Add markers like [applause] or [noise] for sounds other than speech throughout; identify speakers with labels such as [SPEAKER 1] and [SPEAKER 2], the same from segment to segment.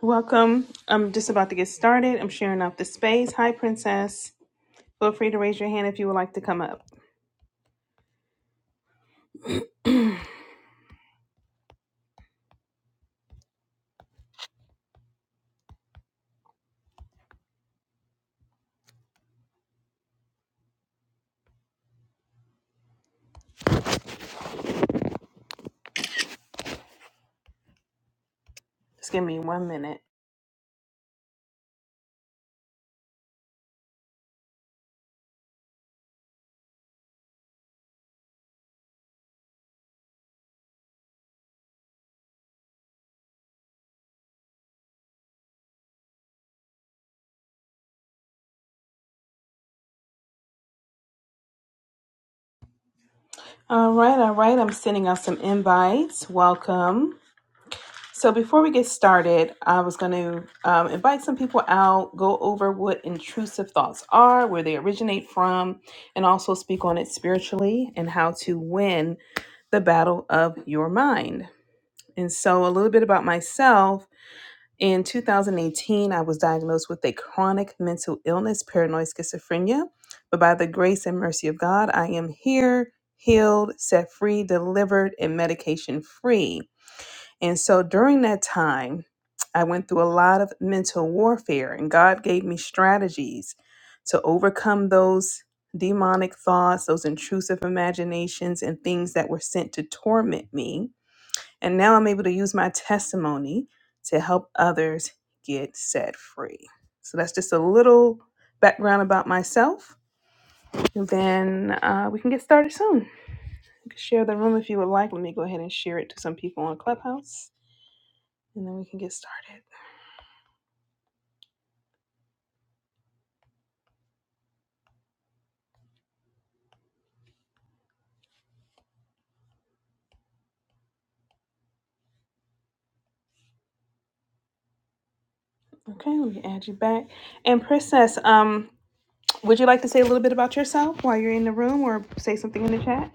[SPEAKER 1] Welcome. I'm just about to get started. I'm sharing out the space. Hi, Princess. Feel free to raise your hand if you would like to come up. Just give me one minute. All right, all right. I'm sending out some invites. Welcome. So, before we get started, I was going to um, invite some people out, go over what intrusive thoughts are, where they originate from, and also speak on it spiritually and how to win the battle of your mind. And so, a little bit about myself. In 2018, I was diagnosed with a chronic mental illness, paranoid schizophrenia. But by the grace and mercy of God, I am here, healed, set free, delivered, and medication free. And so during that time, I went through a lot of mental warfare, and God gave me strategies to overcome those demonic thoughts, those intrusive imaginations, and things that were sent to torment me and now I'm able to use my testimony to help others get set free. So that's just a little background about myself. And then uh, we can get started soon. You can share the room if you would like. Let me go ahead and share it to some people on Clubhouse. And then we can get started. Okay, let me add you back. And Princess, um, would you like to say a little bit about yourself while you're in the room or say something in the chat?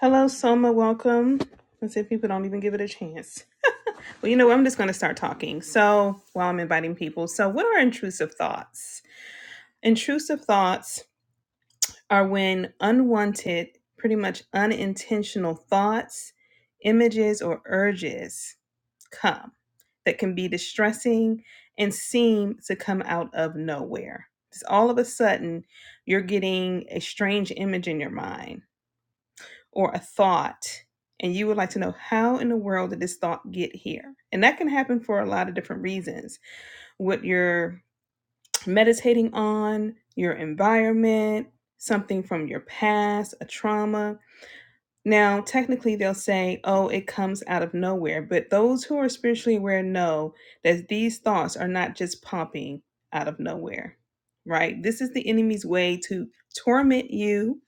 [SPEAKER 1] Hello, Soma. Welcome. Let's see if people don't even give it a chance. Well, you know, I'm just going to start talking. So, while I'm inviting people, so what are intrusive thoughts? Intrusive thoughts are when unwanted, pretty much unintentional thoughts, images, or urges come that can be distressing and seem to come out of nowhere. It's all of a sudden you're getting a strange image in your mind or a thought and you would like to know how in the world did this thought get here and that can happen for a lot of different reasons what you're meditating on, your environment, something from your past, a trauma. Now, technically, they'll say, oh, it comes out of nowhere. But those who are spiritually aware know that these thoughts are not just popping out of nowhere, right? This is the enemy's way to torment you,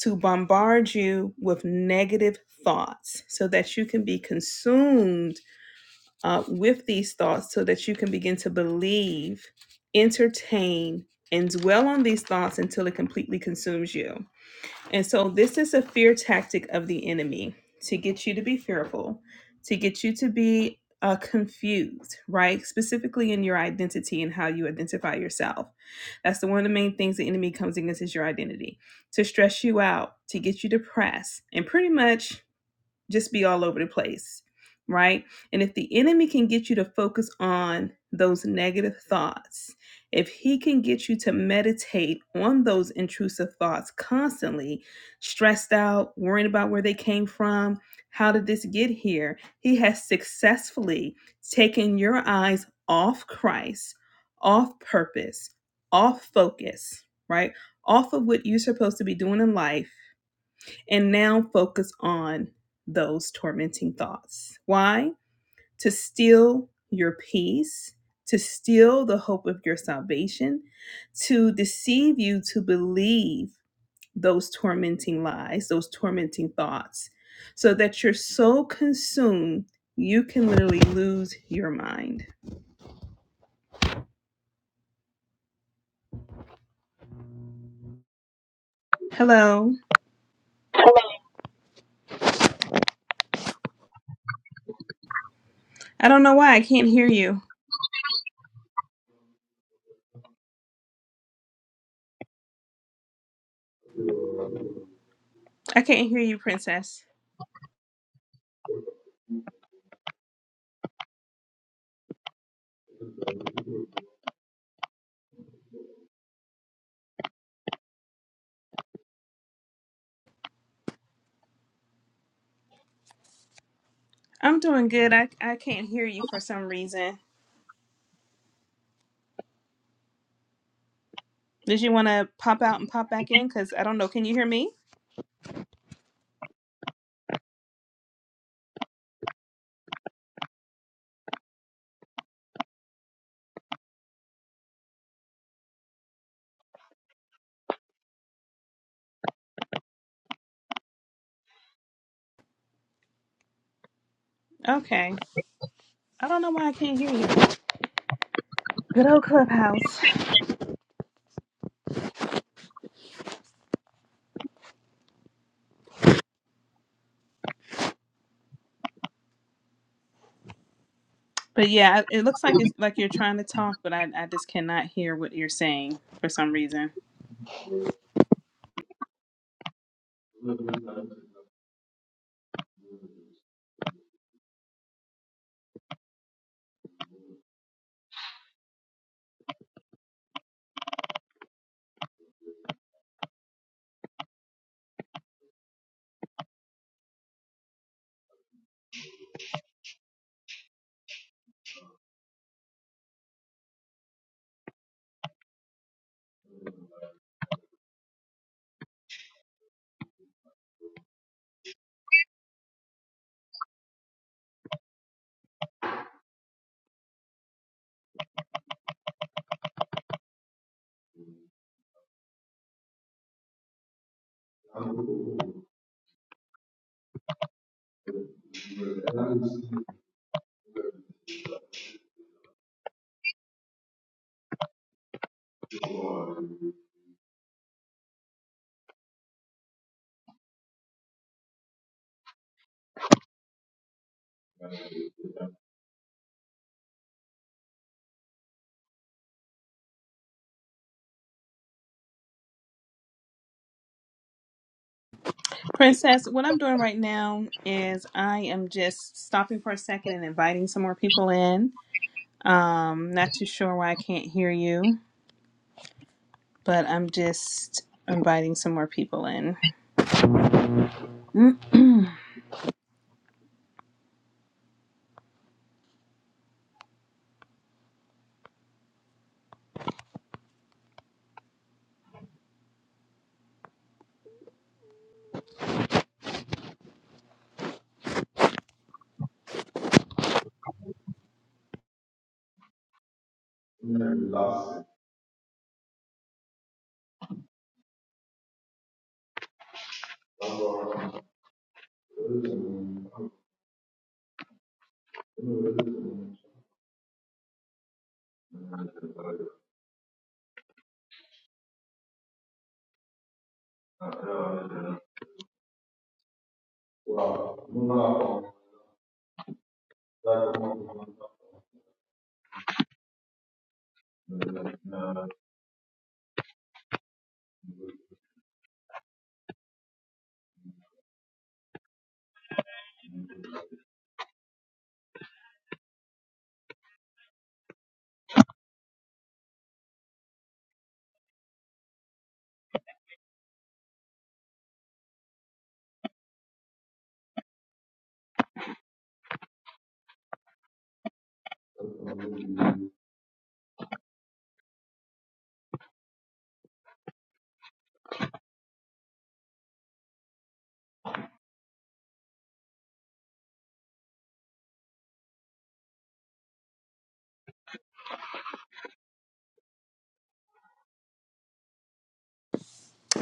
[SPEAKER 1] to bombard you with negative thoughts so that you can be consumed uh, with these thoughts so that you can begin to believe, entertain, and dwell on these thoughts until it completely consumes you. And so, this is a fear tactic of the enemy to get you to be fearful, to get you to be uh, confused, right? Specifically in your identity and how you identify yourself. That's the one of the main things the enemy comes against is your identity to stress you out, to get you depressed, and pretty much just be all over the place, right? And if the enemy can get you to focus on those negative thoughts, if he can get you to meditate on those intrusive thoughts constantly, stressed out, worrying about where they came from, how did this get here? He has successfully taken your eyes off Christ, off purpose, off focus, right? Off of what you're supposed to be doing in life and now focus on those tormenting thoughts. Why? To steal your peace, to steal the hope of your salvation, to deceive you to believe those tormenting lies, those tormenting thoughts, so that you're so consumed you can literally lose your mind. Hello. I don't know why I can't hear you. I can't hear you, princess. I'm doing good. I, I can't hear you for some reason. Did you want to pop out and pop back in? Because I don't know. Can you hear me? Okay. I don't know why I can't hear you. Good old clubhouse. But yeah, it looks like it's like you're trying to talk, but I, I just cannot hear what you're saying for some reason. Princess, what I'm doing right now is I am just stopping for a second and inviting some more people in. Um, not too sure why I can't hear you, but I'm just inviting some more people in. [clears throat]
[SPEAKER 2] Wow, una, that's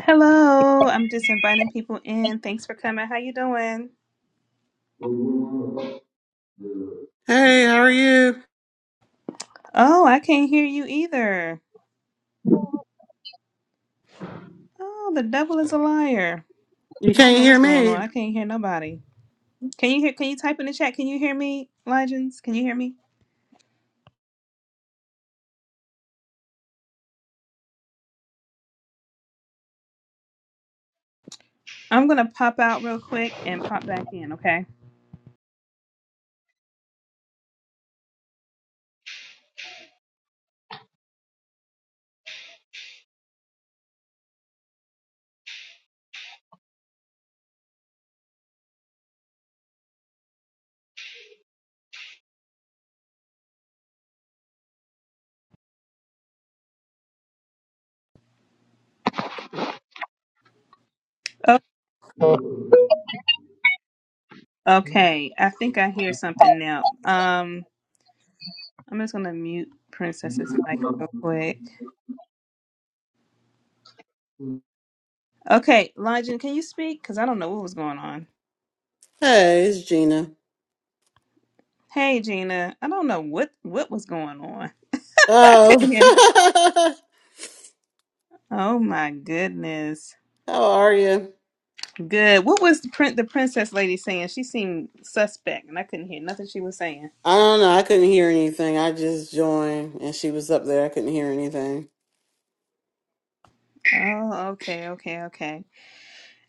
[SPEAKER 1] Hello, I'm just inviting people in. Thanks for coming. How you doing?
[SPEAKER 2] uh, uh,
[SPEAKER 3] Hey, how are you?
[SPEAKER 1] Oh, I can't hear you either. Oh, the devil is a liar.
[SPEAKER 3] You
[SPEAKER 1] I don't
[SPEAKER 3] can't
[SPEAKER 1] know
[SPEAKER 3] hear
[SPEAKER 1] what's going on.
[SPEAKER 3] me.
[SPEAKER 1] I can't hear nobody. Can you hear? Can you type in the chat? Can you hear me, Legends? Can you hear me? I'm gonna pop out real quick and pop back in. Okay. Oh, okay. I think I hear something now. Um, I'm just gonna mute Princess's mic real quick. Okay, Legend, can you speak? Cause I don't know what was going on.
[SPEAKER 3] Hey, it's Gina.
[SPEAKER 1] Hey, Gina. I don't know what what was going on. [laughs] I
[SPEAKER 3] Oh,
[SPEAKER 1] couldn't hear.
[SPEAKER 3] [laughs]
[SPEAKER 1] Oh my goodness.
[SPEAKER 3] how are you?
[SPEAKER 1] Good. What was the print the princess lady saying? She seemed suspect and I couldn't hear nothing she was saying.
[SPEAKER 3] I don't know. I couldn't hear anything. I just joined and she was up there. I couldn't hear anything.
[SPEAKER 1] Oh, okay, okay, okay.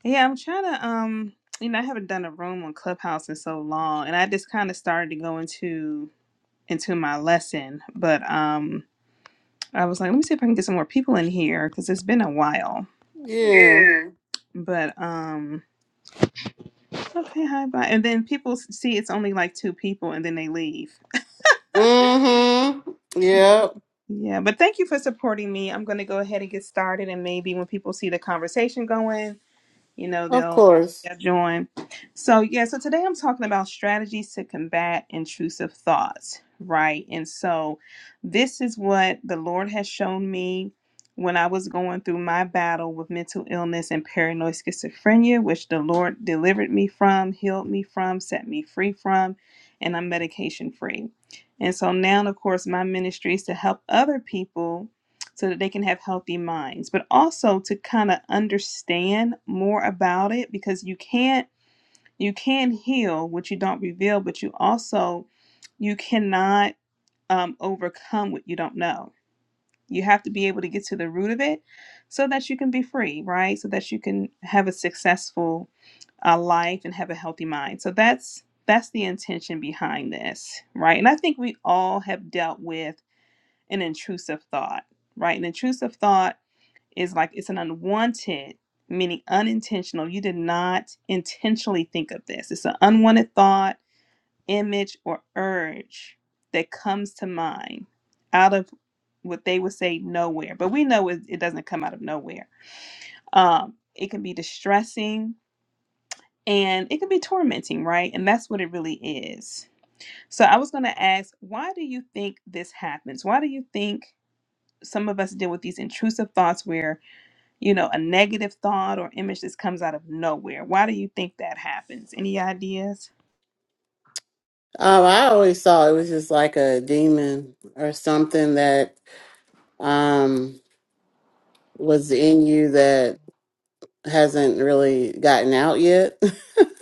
[SPEAKER 1] Yeah, I'm trying to um you know, I haven't done a room on Clubhouse in so long and I just kinda started to go into into my lesson. But um I was like, let me see if I can get some more people in here because it's been a while.
[SPEAKER 3] Yeah.
[SPEAKER 1] But um okay, hi bye. And then people s- see it's only like two people and then they leave.
[SPEAKER 3] Mm-hmm. Yeah.
[SPEAKER 1] Yeah, but thank you for supporting me. I'm going to go ahead and get started, and maybe when people see the conversation going, you know
[SPEAKER 3] Of
[SPEAKER 1] they'll
[SPEAKER 3] course.
[SPEAKER 1] they'll join so yeah so today i'm talking about strategies to combat intrusive thoughts right and so this is what the lord has shown me when i was going through my battle with mental illness and paranoid schizophrenia which the lord delivered me from healed me from set me free from and i'm medication free and so now of course my ministry is to help other people so that they can have healthy minds, but also to kind of understand more about it because you can't you can heal what you don't reveal, but you also you cannot um, overcome what you don't know. You have to be able to get to the root of it so that you can be free, right? So that you can have a successful uh, life and have a healthy mind. So that's that's the intention behind this, right? And I think we all have dealt with an intrusive thought, right? An intrusive thought is like it's an unwanted, meaning unintentional. You did not intentionally think of this. It's an unwanted thought, image, or urge that comes to mind out of what they would say nowhere. But we know it, it doesn't come out of nowhere. Um, it can be distressing and it can be tormenting, right? And that's what it really is. So I was going to ask, why do you think this happens? Why do you think some of us deal with these intrusive thoughts where you know, a negative thought or image that comes out of nowhere. Why do you think that happens? Any ideas?
[SPEAKER 3] Um, I always thought it was just like a demon or something that um was in you that hasn't really gotten out yet. [laughs]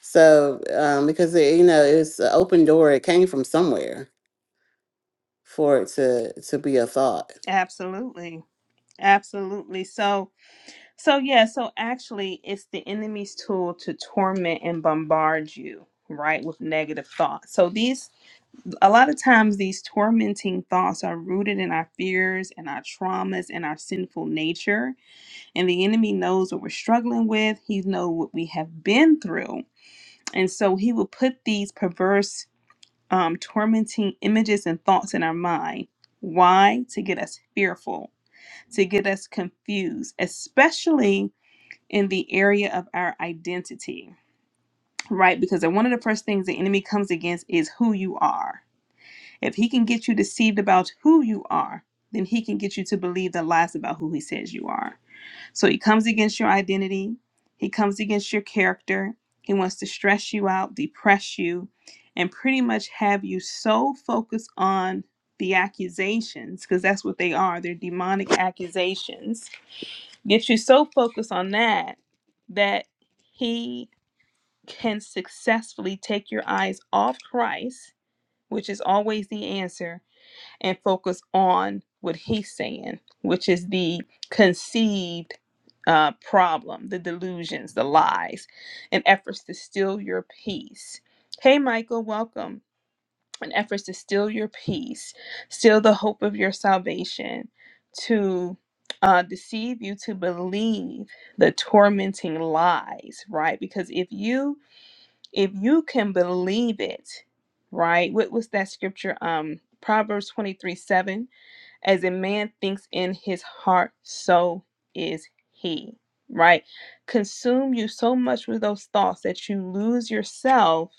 [SPEAKER 3] So, um, because it, you know, it's an open door. It came from somewhere for it to to be a thought.
[SPEAKER 1] Absolutely. Absolutely. So, so yeah, so actually it's the enemy's tool to torment and bombard you, right, with negative thoughts. So these a lot of times these tormenting thoughts are rooted in our fears and our traumas and our sinful nature, and the enemy knows what we're struggling with. He knows what we have been through. And so he will put these perverse um, tormenting images and thoughts in our mind. Why? To get us fearful, to get us confused, especially in the area of our identity, right? Because one of the first things the enemy comes against is who you are. If he can get you deceived about who you are, then he can get you to believe the lies about who he says you are so he comes against your identity, he comes against your character, he wants to stress you out, depress you, and pretty much have you so focused on the accusations, because that's what they are, they're demonic accusations. Get you so focused on that that he can successfully take your eyes off Christ, which is always the answer, and focus on what he's saying, which is the conceived uh, problem, the delusions, the lies, and efforts to steal your peace. Hey, Michael, welcome. And efforts to steal your peace, steal the hope of your salvation, to uh, deceive you to believe the tormenting lies, right? Because if you if you can believe it, right? What was that scripture? Um, Proverbs twenty three seven as a man thinks in his heart, so is he. Right? Consume you so much with those thoughts that you lose yourself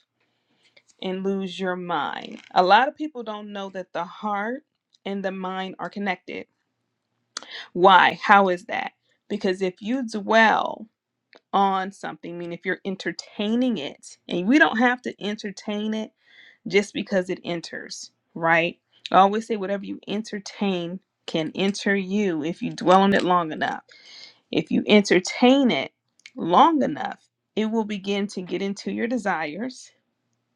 [SPEAKER 1] and lose your mind. A lot of people don't know that the heart and the mind are connected. Why? How is that? Because if you dwell on something, I mean, if you're entertaining it, and we don't have to entertain it just because it enters, right? I always say whatever you entertain can enter you if you dwell on it long enough. If you entertain it long enough, it will begin to get into your desires,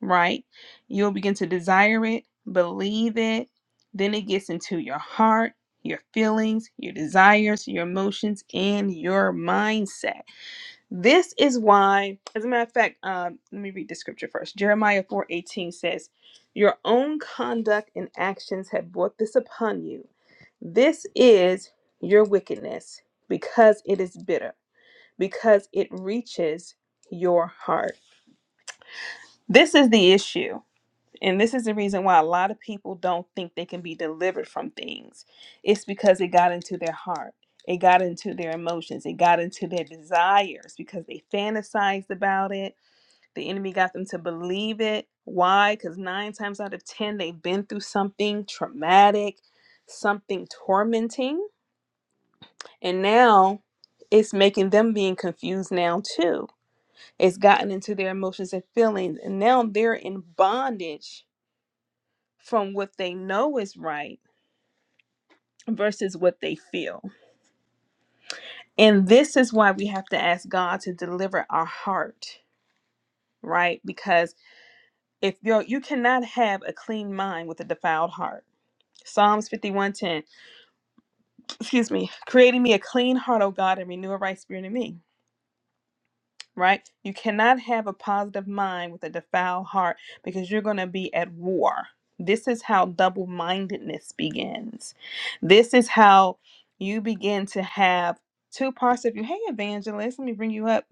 [SPEAKER 1] right? You'll begin to desire it, believe it, then it gets into your heart, your feelings, your desires, your emotions, and your mindset this is why, as a matter of fact, um, let me read the scripture first. Jeremiah 4 18 says, Your own conduct and actions have brought this upon you. This is your wickedness, because it is bitter, because it reaches your heart. This is the issue. And this is the reason why a lot of people don't think they can be delivered from things. It's because it got into their heart, it got into their emotions, it got into their desires because they fantasized about it. The enemy got them to believe it. Why? Because nine times out of 10, they've been through something traumatic, something tormenting. And now it's making them being confused now, too. It's gotten into their emotions and feelings. And now they're in bondage from what they know is right versus what they feel. And this is why we have to ask God to deliver our heart, right? Because if you're you cannot have a clean mind with a defiled heart. Psalms 51:10, excuse me, creating me a clean heart, O God, and renew a right spirit in me right? You cannot have a positive mind with a defiled heart because you're going to be at war. This is how double mindedness begins. This is how you begin to have two parts of you. Hey, evangelist, let me bring you up.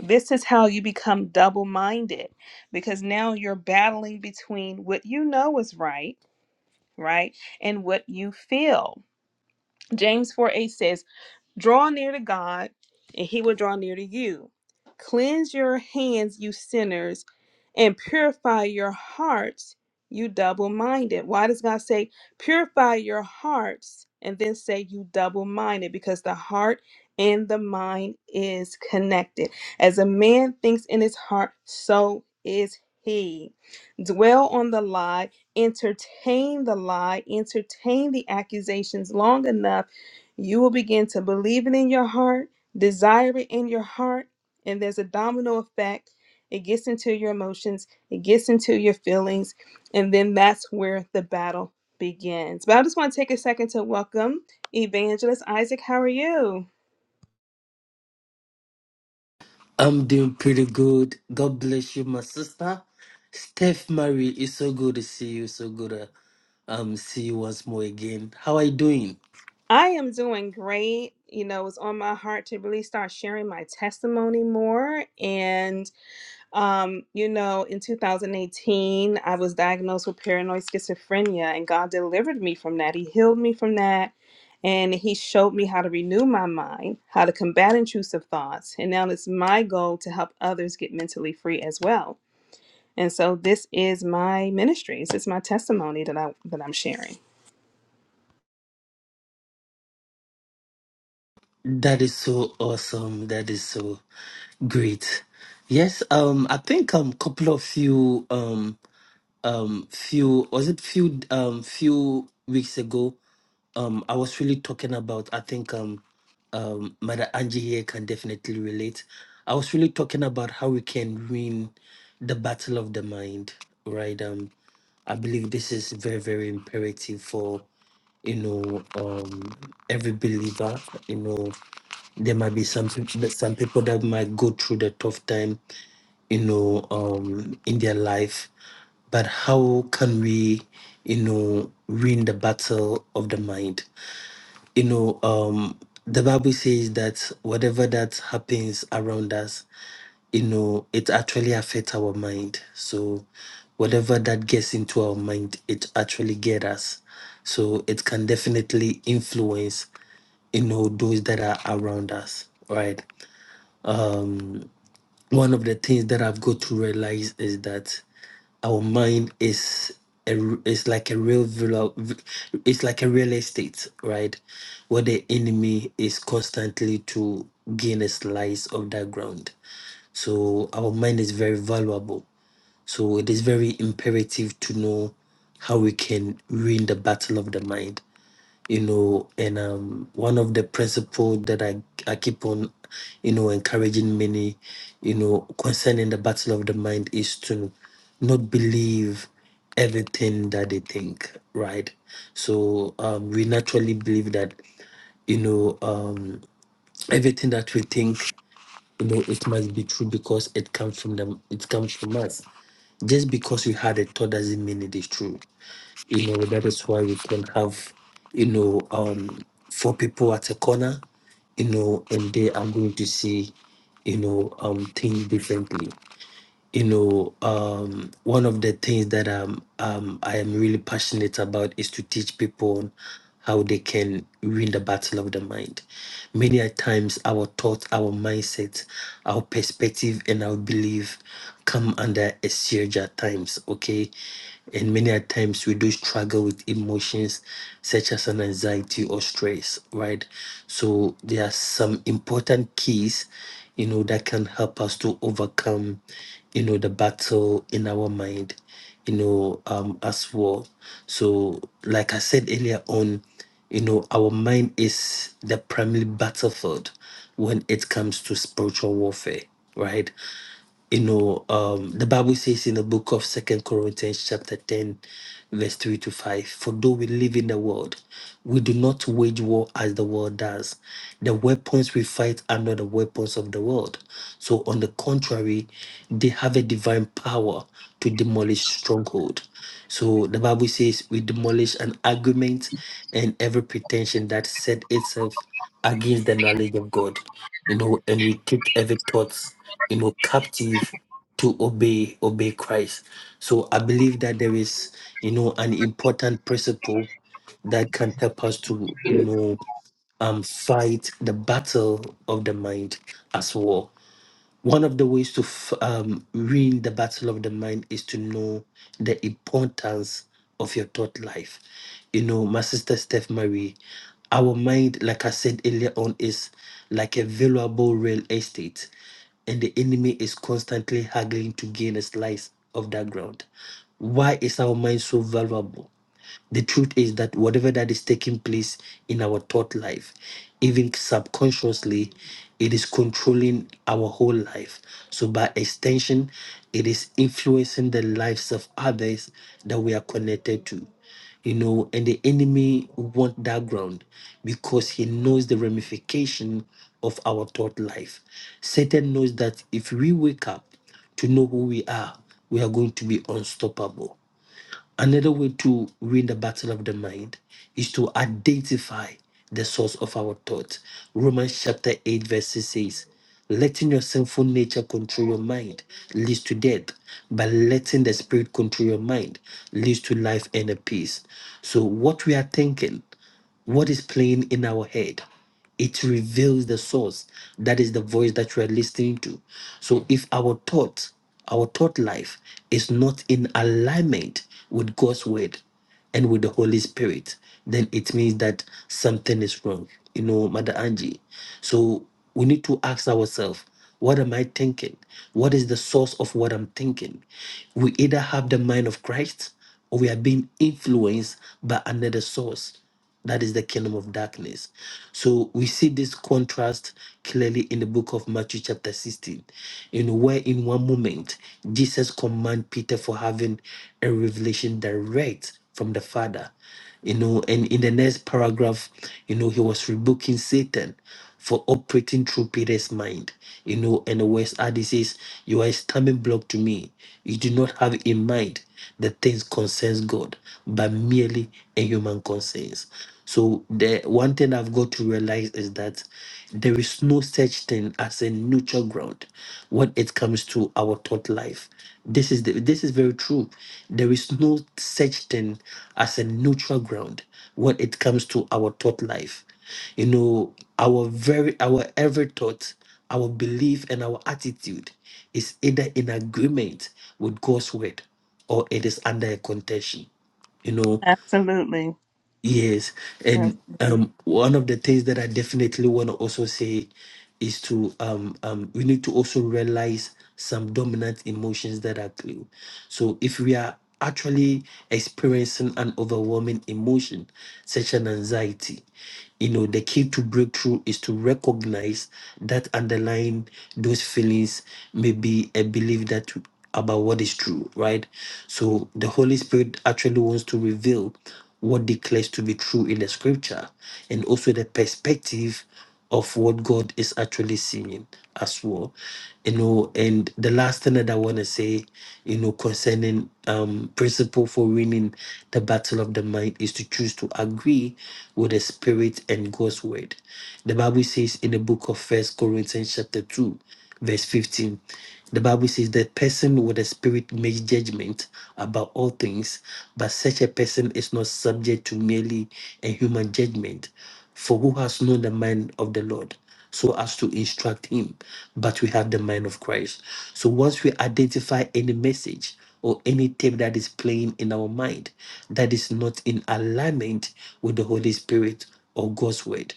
[SPEAKER 1] This is how you become double minded because now you're battling between what you know is right, right, and what you feel. James 4 8 says, Draw near to God, and he will draw near to you. Cleanse your hands, you sinners, and purify your hearts, you double minded. Why does God say, purify your hearts, and then say, you double minded? Because the heart and the mind is connected. As a man thinks in his heart, so is he. Dwell on the lie, entertain the lie, entertain the accusations long enough you will begin to believe it in your heart, desire it in your heart, and there's a domino effect. It gets into your emotions, it gets into your feelings, and then that's where the battle begins. But I just want to take a second to welcome Evangelist Isaac. How are you?
[SPEAKER 4] I'm doing pretty good. God bless you, my sister. Steph Marie, it's so good to see you. So good to um see you once more again. How are you doing?
[SPEAKER 1] I am doing great. You know, it's on my heart to really start sharing my testimony more. and. Um, you know, in 2018, I was diagnosed with paranoid schizophrenia, and God delivered me from that. He healed me from that, and He showed me how to renew my mind, how to combat intrusive thoughts. And now it's my goal to help others get mentally free as well. And so this is my ministry. This is my testimony that I that I'm sharing.
[SPEAKER 4] That is so awesome. That is so great. Yes, um, I think um couple of you um. um few was it few um few weeks ago um I was really talking about I think um um Mother Angie here can definitely relate. I was really talking about how we can win the battle of the mind, right? Um I believe this is very, very imperative for you know um every believer. You know, there might be some peop- some people that might go through the tough time you know, um, in their life. But how can we, you know, win the battle of the mind? You know, um, the Bible says that whatever that happens around us, you know, it actually affects our mind. So whatever that gets into our mind, it actually gets us. So it can definitely influence, you know, those that are around us. Right. Um, one of the things that I've got to realize is that our mind is a, is like a real villa- it's like a real estate right where the enemy is constantly to gain a slice of that ground so our mind is very valuable so it is very imperative to know how we can win the battle of the mind you know and um one of the principles that i i keep on you know encouraging many you know concerning the battle of the mind is to not believe everything that they think right so um we naturally believe that you know um everything that we think you know it must be true because it comes from them it comes from us just because you had a thought doesn't mean it is true you know, that is why we can have, you know, um, four people at a corner, you know, and they are going to see, you know, um, things differently you know, um, one of the things that um, um, I am really passionate about is to teach people how they can win the battle of the mind. Many a times, our thoughts, our mindset, our perspective, and our belief come under a siege at times, okay? And many a times, we do struggle with emotions such as an anxiety or stress, right? So, there are some important keys, you know, that can help us to overcome you know, the battle in our mind, you know, um, as well. So, like I said earlier on, you know, our mind is the primary battlefield when it comes to spiritual warfare, right? you know um the bible says in the book of second corinthians chapter 10 verse 3 to 5 for though we live in the world we do not wage war as the world does the weapons we fight are not the weapons of the world so on the contrary they have a divine power to demolish stronghold so the bible says we demolish an argument and every pretension that set itself against the knowledge of god you know and we take every thought you know captive to obey obey christ so i believe that there is you know an important principle that can help us to you know um fight the battle of the mind as well one of the ways to f- um, win the battle of the mind is to know the importance of your thought life. You know, my sister Steph Marie, our mind, like I said earlier on, is like a valuable real estate, and the enemy is constantly haggling to gain a slice of that ground. Why is our mind so valuable? The truth is that whatever that is taking place in our thought life, even subconsciously, it is controlling our whole life. So, by extension, it is influencing the lives of others that we are connected to. You know, and the enemy want that ground because he knows the ramification of our thought life. Satan knows that if we wake up to know who we are, we are going to be unstoppable Another way to win the battle of the mind is to identify the source of our thoughts. Romans chapter 8, verse 6 says, Letting your sinful nature control your mind leads to death, but letting the spirit control your mind leads to life and a peace. So, what we are thinking, what is playing in our head? It reveals the source. That is the voice that you are listening to. So if our thought, our thought life is not in alignment with God's word and with the Holy Spirit, then it means that something is wrong. You know, Mother Angie. So we need to ask ourselves, what am I thinking? What is the source of what I'm thinking? We either have the mind of Christ or we are being influenced by another source. That is the kingdom of darkness. So we see this contrast clearly in the book of Matthew, chapter 16, in where in one moment Jesus command Peter for having a revelation direct from the Father. You know, and in the next paragraph, you know, he was rebuking Satan for operating through Peter's mind. You know, and the words are this is you are a stumbling block to me. You do not have in mind the things concerns God, but merely a human concerns. So the one thing I've got to realize is that there is no such thing as a neutral ground when it comes to our thought life. This is the, this is very true. There is no such thing as a neutral ground when it comes to our thought life you know our very our every thought our belief and our attitude is either in agreement with god's word or it is under a contention you know
[SPEAKER 1] Absolutely.
[SPEAKER 4] Yes, and um, one of the things that I definitely want to also say is to um, um, we need to also realize some dominant emotions that are clear. So if we are actually experiencing an overwhelming emotion, such an anxiety, you know, the key to breakthrough is to recognize that underlying those feelings may be a belief that about what is true, right? So the Holy Spirit actually wants to reveal what declares to be true in the scripture and also the perspective of what God is actually seeing as well. You know, and the last thing that I want to say, you know, concerning um principle for winning the battle of the mind is to choose to agree with the spirit and God's word. The Bible says in the book of First Corinthians chapter 2 verse 15. The Bible says that person with a spirit makes judgment about all things, but such a person is not subject to merely a human judgment. For who has known the mind of the Lord so as to instruct him? But we have the mind of Christ. So once we identify any message or any tape that is playing in our mind that is not in alignment with the Holy Spirit or God's word,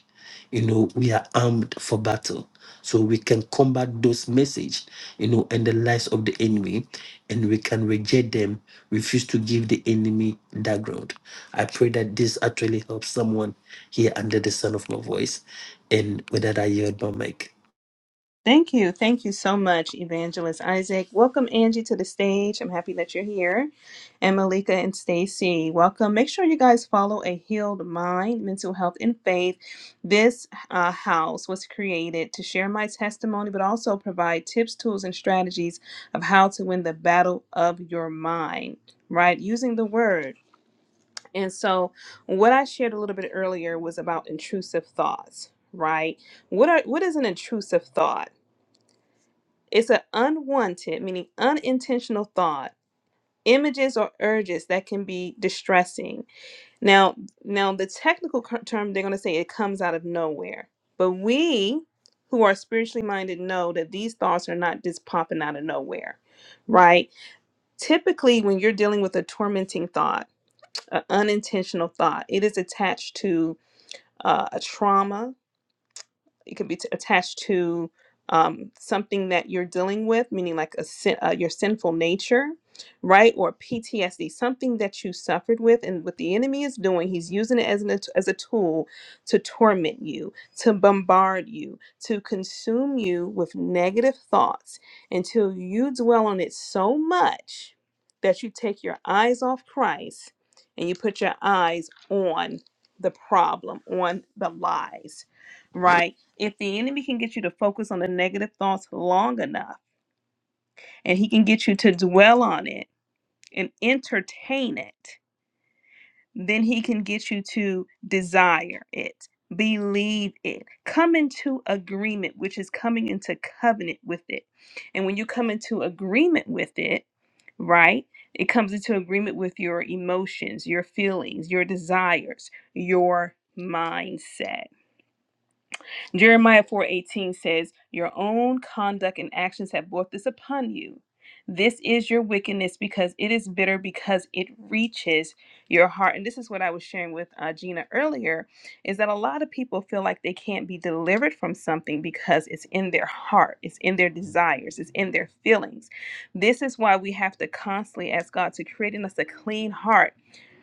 [SPEAKER 4] you know we are armed for battle so we can combat those message you know and the lies of the enemy and we can reject them refuse to give the enemy that ground i pray that this actually helps someone here under the sound of my voice and with that i yield my mic
[SPEAKER 1] Thank you. Thank you so much, Evangelist Isaac. Welcome, Angie, to the stage. I'm happy that you're here. And Malika and Stacy, welcome. Make sure you guys follow A Healed Mind, Mental Health, and Faith. This uh, house was created to share my testimony, but also provide tips, tools, and strategies of how to win the battle of your mind, right? Using the word. And so, what I shared a little bit earlier was about intrusive thoughts, right? What are what is an intrusive thought? It's an unwanted, meaning unintentional thought, images or urges that can be distressing. Now, now the technical cur- term they're going to say it comes out of nowhere. But we who are spiritually minded know that these thoughts are not just popping out of nowhere, right? Typically, when you're dealing with a tormenting thought, an unintentional thought, it is attached to uh, a trauma, it could be t- attached to um, something that you're dealing with, meaning like a sin, uh, your sinful nature, right? Or PTSD, something that you suffered with, and what the enemy is doing, he's using it as an as a tool to torment you, to bombard you, to consume you with negative thoughts until you dwell on it so much that you take your eyes off Christ and you put your eyes on the problem, on the lies right? If the enemy can get you to focus on the negative thoughts long enough and he can get you to dwell on it and entertain it, then he can get you to desire it, believe it, come into agreement, which is coming into covenant with it. And when you come into agreement with it, right? It comes into agreement with your emotions, your feelings, your desires, your mindset Jeremiah 4:18 says, "Your own conduct and actions have brought this upon you. This is your wickedness because it is bitter because it reaches your heart." And this is what I was sharing with uh, Gina earlier is that a lot of people feel like they can't be delivered from something because it's in their heart, it's in their desires, it's in their feelings. This is why we have to constantly ask God to create in us a clean heart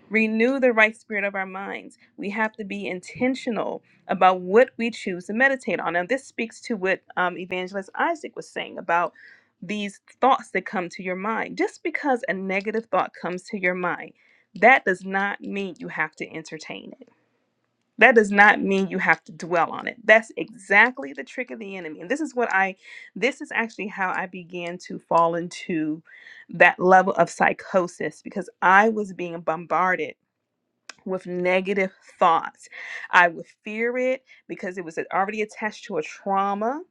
[SPEAKER 1] Renew the right spirit of our minds. We have to be intentional about what we choose to meditate on. And this speaks to what um, Evangelist Isaac was saying about these thoughts that come to your mind. Just because a negative thought comes to your mind, that does not mean you have to entertain it. That does not mean you have to dwell on it. That's exactly the trick of the enemy. And this is what I, this is actually how I began to fall into that level of psychosis because I was being bombarded with negative thoughts. I would fear it because it was already attached to a trauma.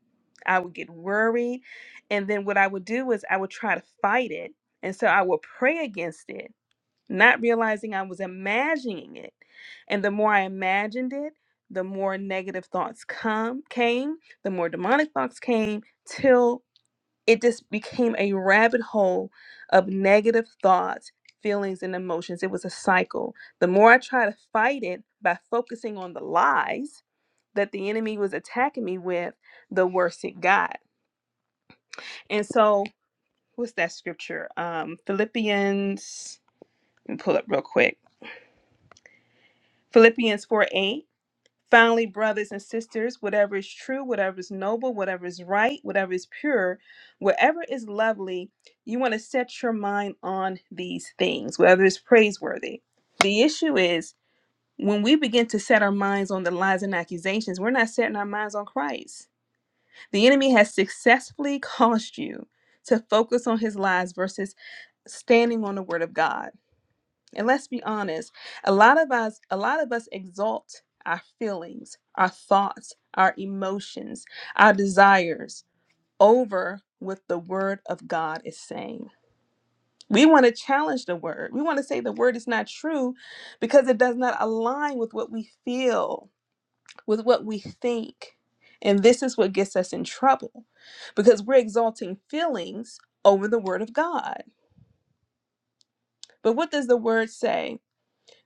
[SPEAKER 1] I would get worried. And then what I would do is I would try to fight it. And so I would pray against it, not realizing I was imagining it. And the more I imagined it, the more negative thoughts come came, the more demonic thoughts came till it just became a rabbit hole of negative thoughts, feelings, and emotions. It was a cycle. The more I tried to fight it by focusing on the lies that the enemy was attacking me with, the worse it got. And so, what's that scripture? Um, Philippians, let me pull up real quick. Philippians 4 8. Finally, brothers and sisters, whatever is true, whatever is noble, whatever is right, whatever is pure, whatever is lovely, you want to set your mind on these things, whether it's praiseworthy. The issue is when we begin to set our minds on the lies and accusations, we're not setting our minds on Christ. The enemy has successfully [laughs] caused you to focus on his lies versus standing on the word of God. And let's be honest, a lot of us a lot of us exalt our feelings, our thoughts, our emotions, our desires over what the word of God is saying. We want to challenge the word. We want to say the word is not true because it does not align with what we feel, with what we think. And this is what gets us in trouble because we're exalting feelings over the word of God. But what does the word say?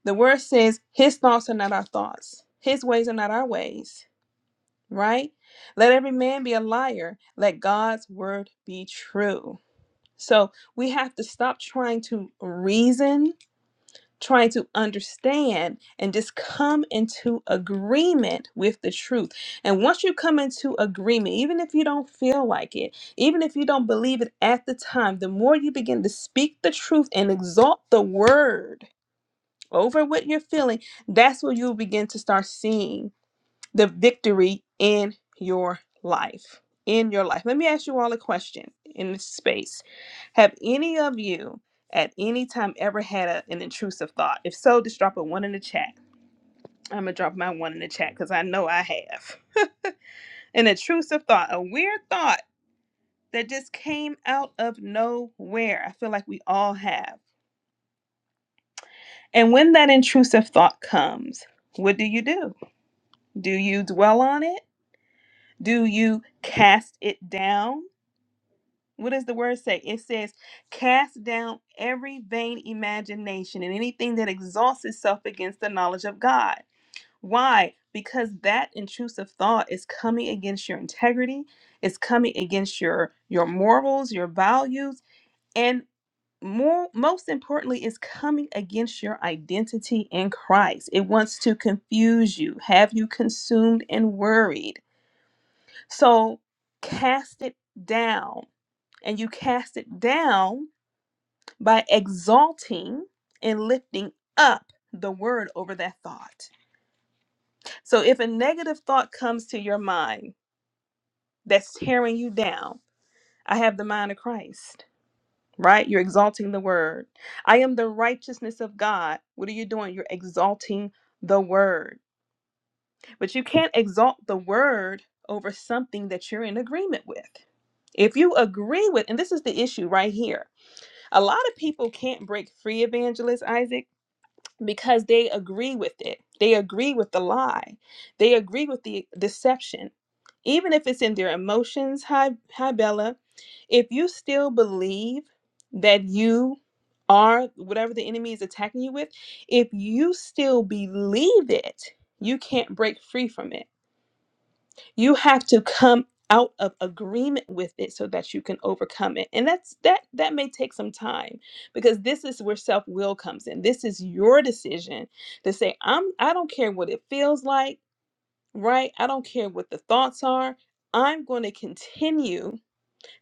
[SPEAKER 1] The word says, His thoughts are not our thoughts, His ways are not our ways, right? Let every man be a liar, let God's word be true. So we have to stop trying to reason, trying to understand, and just come into agreement with the truth. And once you come into agreement, even if you don't feel like it, even if you don't believe it at the time, the more you begin to speak the truth and exalt the word over what you're feeling, that's where you'll begin to start seeing the victory in your life. In your life. Let me ask you all a question in this space. Have any of you at any time ever had a- an intrusive thought? If so, just drop a one in the chat. I'm going to drop my one in the chat because I know I have. An intrusive thought, a weird thought that just came out of nowhere. I feel like we all have. And when that intrusive thought comes, what do you do? Do you dwell on it? Do you cast it down? What does the word say? It says, cast down every vain imagination and anything that exalts itself against the knowledge of God. Why? Because that intrusive thought is coming against your integrity, it's coming against your your morals, your values, and more most importantly, it's coming against your identity in Christ. It wants to confuse you, have you consumed and worried So cast it down. And you cast it down by exalting and lifting up the word over that thought. So if a negative thought comes to your mind that's tearing you down, I have the mind of Christ, right? You're exalting the word. I am the righteousness of God. What are you doing? You're exalting the word. But you can't exalt the word over something that you're in agreement with. If you agree with, and this is the issue right here, a lot of people can't break free evangelist Isaac because they agree with it. They agree with the lie. They agree with the deception. Even if it's in their emotions, hi, hi Bella, if you still believe that you are whatever the enemy is attacking you with, if you still believe it, you can't break free from it you have to come out of agreement with it so that you can overcome it and that's that that may take some time because this is where self-will comes in this is your decision to say i'm i don't care what it feels like right i don't care what the thoughts are i'm going to continue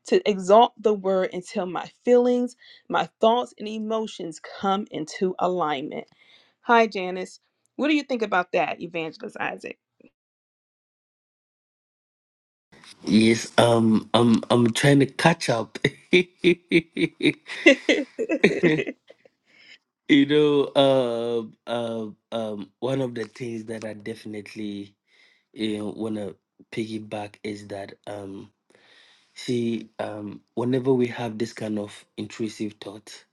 [SPEAKER 1] to exalt the word until my feelings my thoughts and emotions come into alignment hi janice what do you think about that evangelist isaac
[SPEAKER 4] yes um i'm i'm trying to catch up [laughs]
[SPEAKER 1] [laughs]
[SPEAKER 4] you know um um um one of the things that i definitely you know, wanna piggyback is that um see um whenever we have this kind of intrusive thought,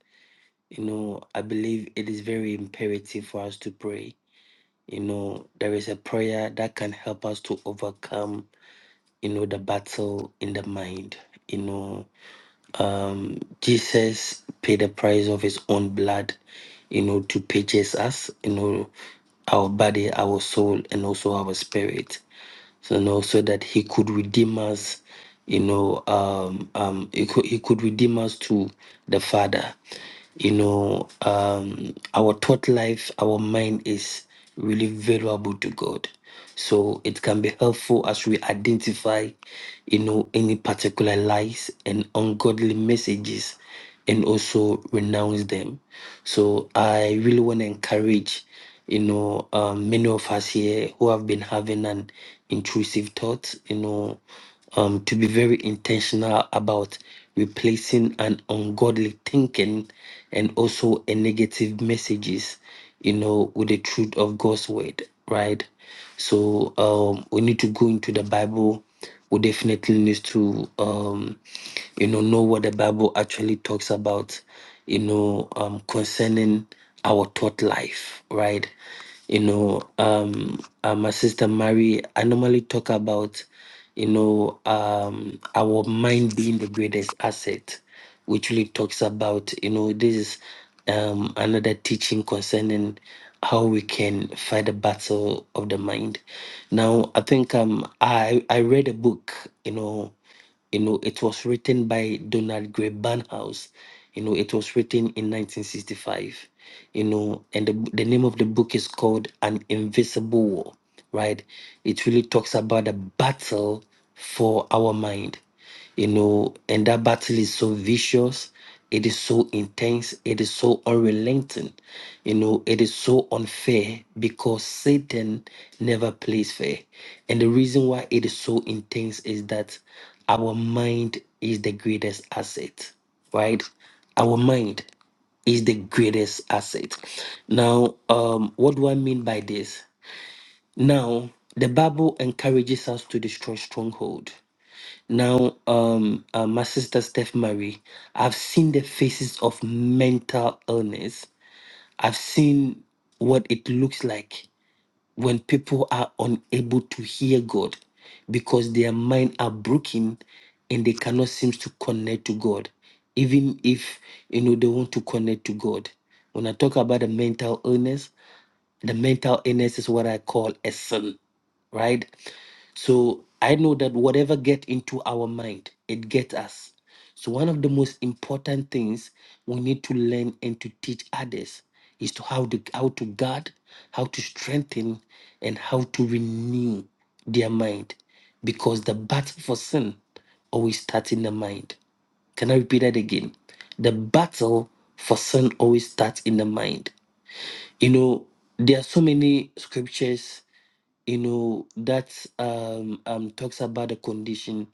[SPEAKER 4] you know, I believe it is very imperative for us to pray. You know, there is a prayer that can help us to overcome, you know, the battle in the mind. You know, um Jesus paid the price of his own blood, you know, to purchase us, you know, our body, our soul, and also our spirit so you know, so that he could redeem us, you know, um, um, he could, he could redeem us to the Father. You know, um, our thought life, our mind is really valuable to God. So it can be helpful as we identify, you know, any particular lies and ungodly messages and also renounce them. So I really want to encourage you know, um, many of us here who have been having an intrusive thought, you know, um, to be very intentional about replacing an ungodly thinking and also a negative messages, you know, with the truth of God's word, right? So um, we need to go into the Bible we definitely need to um you know know what the bible actually talks about you know um concerning our thought life right you know um uh, my sister mary i normally talk about you know um our mind being the greatest asset which really talks about, you know, this is um, another teaching concerning how we can fight the battle of the mind. Now, I think um, I I read a book, you know, you know, it was written by Donald Gray Barnhouse. You know, it was written in 1965. You know, and the, the name of the book is called An Invisible War, right? It really talks about the battle for our mind you know, and that battle is so vicious, it is so intense, it is so unrelenting, you know, it is so unfair because Satan never plays fair. And the reason why it is so intense is that our mind is the greatest asset, right? Our mind is the greatest asset. Now, um, what do I mean by this? Now, the Bible encourages us to destroy stronghold now, um, uh, my sister Steph Marie, I've seen the faces of mental illness. I've seen what it looks like when people are unable to hear God because their mind are broken and they cannot seem to connect to God, even if you know they want to connect to God. When I talk about the mental illness, the mental illness is what I call a sin, right? So I know that whatever get into our mind, it gets us. So one of the most important things we need to learn and to teach others is to how to how to guard, how to strengthen, and how to renew their mind, because the battle for sin always starts in the mind. Can I repeat that again? The battle for sin always starts in the mind you know there are so many scriptures you know that um, um talks about the condition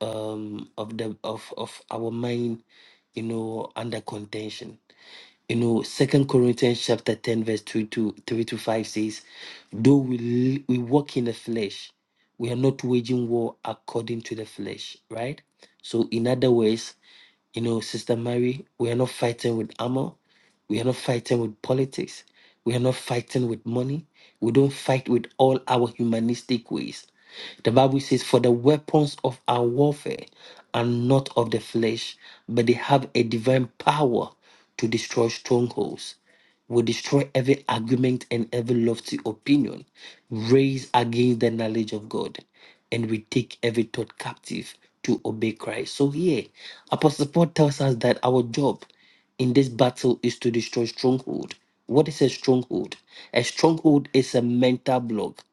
[SPEAKER 4] um of the of of our mind you know under contention you know second corinthians chapter 10 verse 3 to 3 to 5 says though we l- we walk in the flesh we are not waging war according to the flesh right so in other words you know sister mary we are not fighting with armor we are not fighting with politics. We are not fighting with money. We don't fight with all our humanistic ways. The Bible says, For the weapons of our warfare are not of the flesh, but they have a divine power to destroy strongholds. We destroy every argument and every lofty opinion raised against the knowledge of God, and we take every thought captive to obey Christ. So, here, Apostle Paul tells us that our job in this battle is to destroy stronghold. What is a stronghold? A stronghold is a mental block.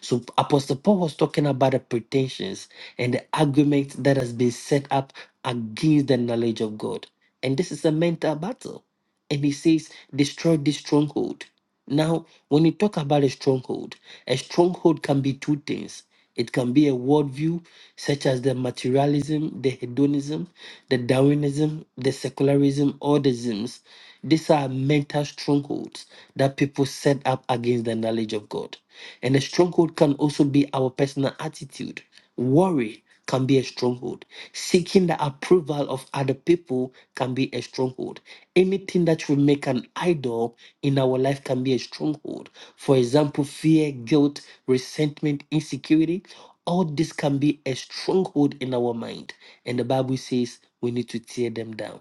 [SPEAKER 4] So Apostle Paul was talking about the pretensions and the argument that has been set up against the knowledge of God. And this is a mental battle. And he says, destroy this stronghold. Now, when you talk about a stronghold, a stronghold can be two things. It can be a worldview such as the materialism, the hedonism, the Darwinism, the secularism, or the isms. These are mental strongholds that people set up against the knowledge of God. And a stronghold can also be our personal attitude, worry, can be a stronghold. Seeking the approval of other people can be a stronghold. Anything that will make an idol in our life can be a stronghold. For example, fear, guilt, resentment, insecurity, all this can be a stronghold in our mind. And the Bible says we need to tear them down.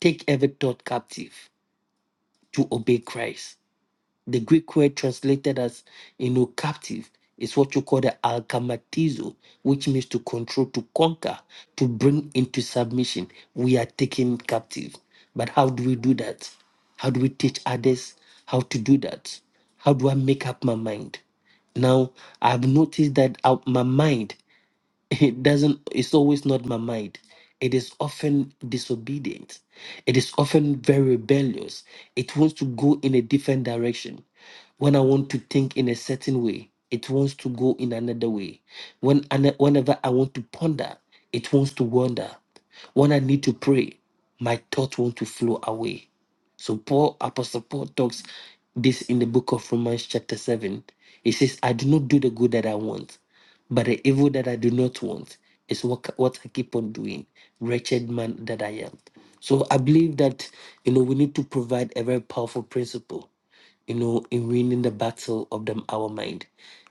[SPEAKER 4] Take every thought captive to obey Christ. The Greek word translated as you know captive is what you call the alkamatizo, which means to control, to conquer, to bring into submission. We are taken captive. But how do we do that? How do we teach others how to do that? How do I make up my mind? Now I've noticed that out my mind it doesn't it's always not my mind it is often disobedient it is often very rebellious it wants to go in a different direction when i want to think in a certain way it wants to go in another way when ane- whenever i want to ponder it wants to wander when i need to pray my thoughts want to flow away so Paul, Apostle Paul talks this in the book of Romans chapter 7. He says, I do not do the good that I want, but the evil that I do not want is what, what I keep on doing, wretched man that I am. So I believe that, you know, we need to provide a very powerful principle, you know, in winning the battle of the, our mind.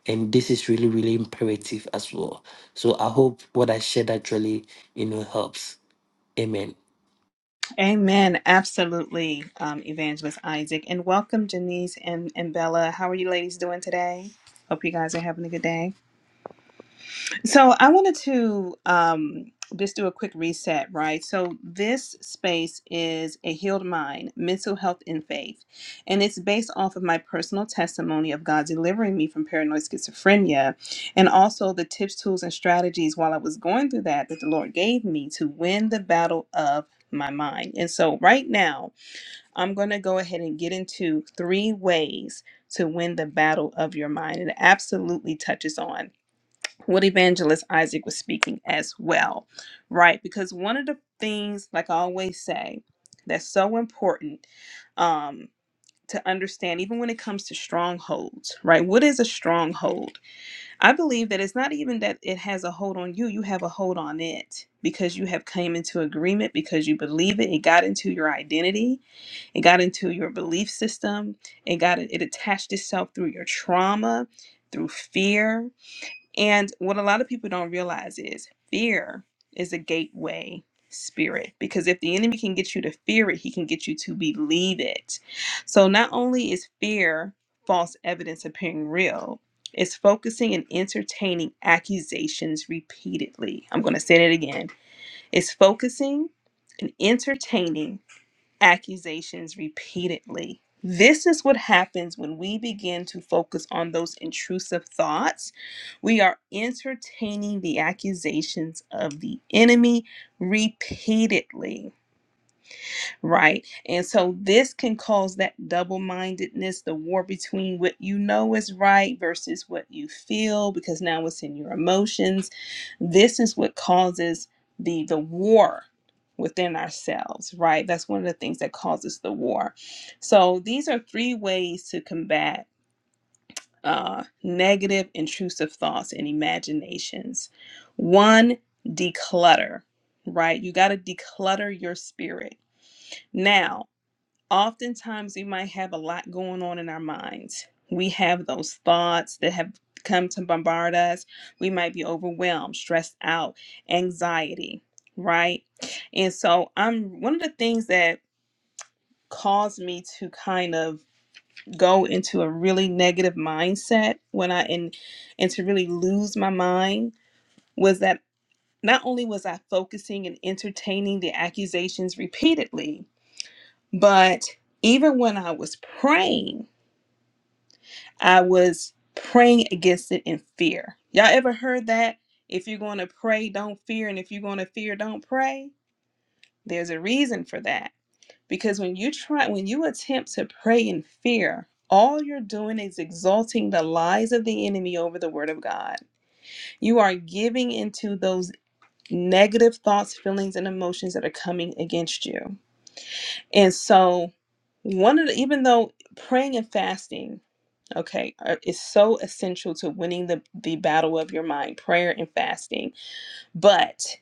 [SPEAKER 4] And this is really, really imperative as well. So I hope what I shared actually, you know, helps. Amen.
[SPEAKER 1] Amen. Absolutely, um, Evangelist Isaac. And welcome, Janice and, and Bella. How are you ladies doing today? Hope you guys are having a good day. So, I wanted to um, just do a quick reset, right? So, this space is a healed mind, mental health, and faith. And it's based off of my personal testimony of God delivering me from paranoid schizophrenia and also the tips, tools, and strategies while I was going through that that the Lord gave me to win the battle of my mind. And so, right now, I'm going to go ahead and get into three ways to win the battle of your mind. And it absolutely touches on what Evangelist Isaac was speaking as well, right? Because one of the things, like I always say, that's so important um, to understand, even when it comes to strongholds, right? What is a stronghold? I believe that it's not even that it has a hold on you, you have a hold on it because you have came into agreement, because you believe it, it got into your identity it got into your belief system. It got it attached itself through your trauma, through fear. And what a lot of people don't realize is fear is a gateway spirit because if the enemy can get you to fear it, he can get you to believe it. So not only is fear false evidence appearing real, it's focusing and entertaining accusations repeatedly. I'm going to say that again. It's focusing and entertaining accusations repeatedly. This is what happens when we begin to focus on those intrusive thoughts. We are entertaining the accusations of the enemy repeatedly. Right. And so this can cause that double mindedness, the war between what you know is right versus what you feel, because now it's in your emotions. This is what causes the the war within ourselves, right? That's one of the things that causes the war. So these are three ways to combat uh, negative, intrusive thoughts and imaginations. One, declutter, right? You got to declutter your spirit. Now, oftentimes we might have a lot going on in our minds. We have those thoughts that have come to bombard us. We might be overwhelmed, stressed out, anxiety, right? And so I'm one of the things that caused me to kind of go into a really negative mindset when I and and to really lose my mind was that not only was I focusing and entertaining the accusations repeatedly, but even when I was praying I was praying against it in fear. Y'all ever heard that? If you're going to pray, don't fear, and if you're going to fear, don't pray. There's a reason for that. Because when you try when you attempt to pray in fear, all you're doing is exalting the lies of the enemy over the word of God. You are giving into those negative thoughts, feelings and emotions that are coming against you. And so one of the even though praying and fasting okay are- is so essential to winning the the battle of your mind prayer and fasting but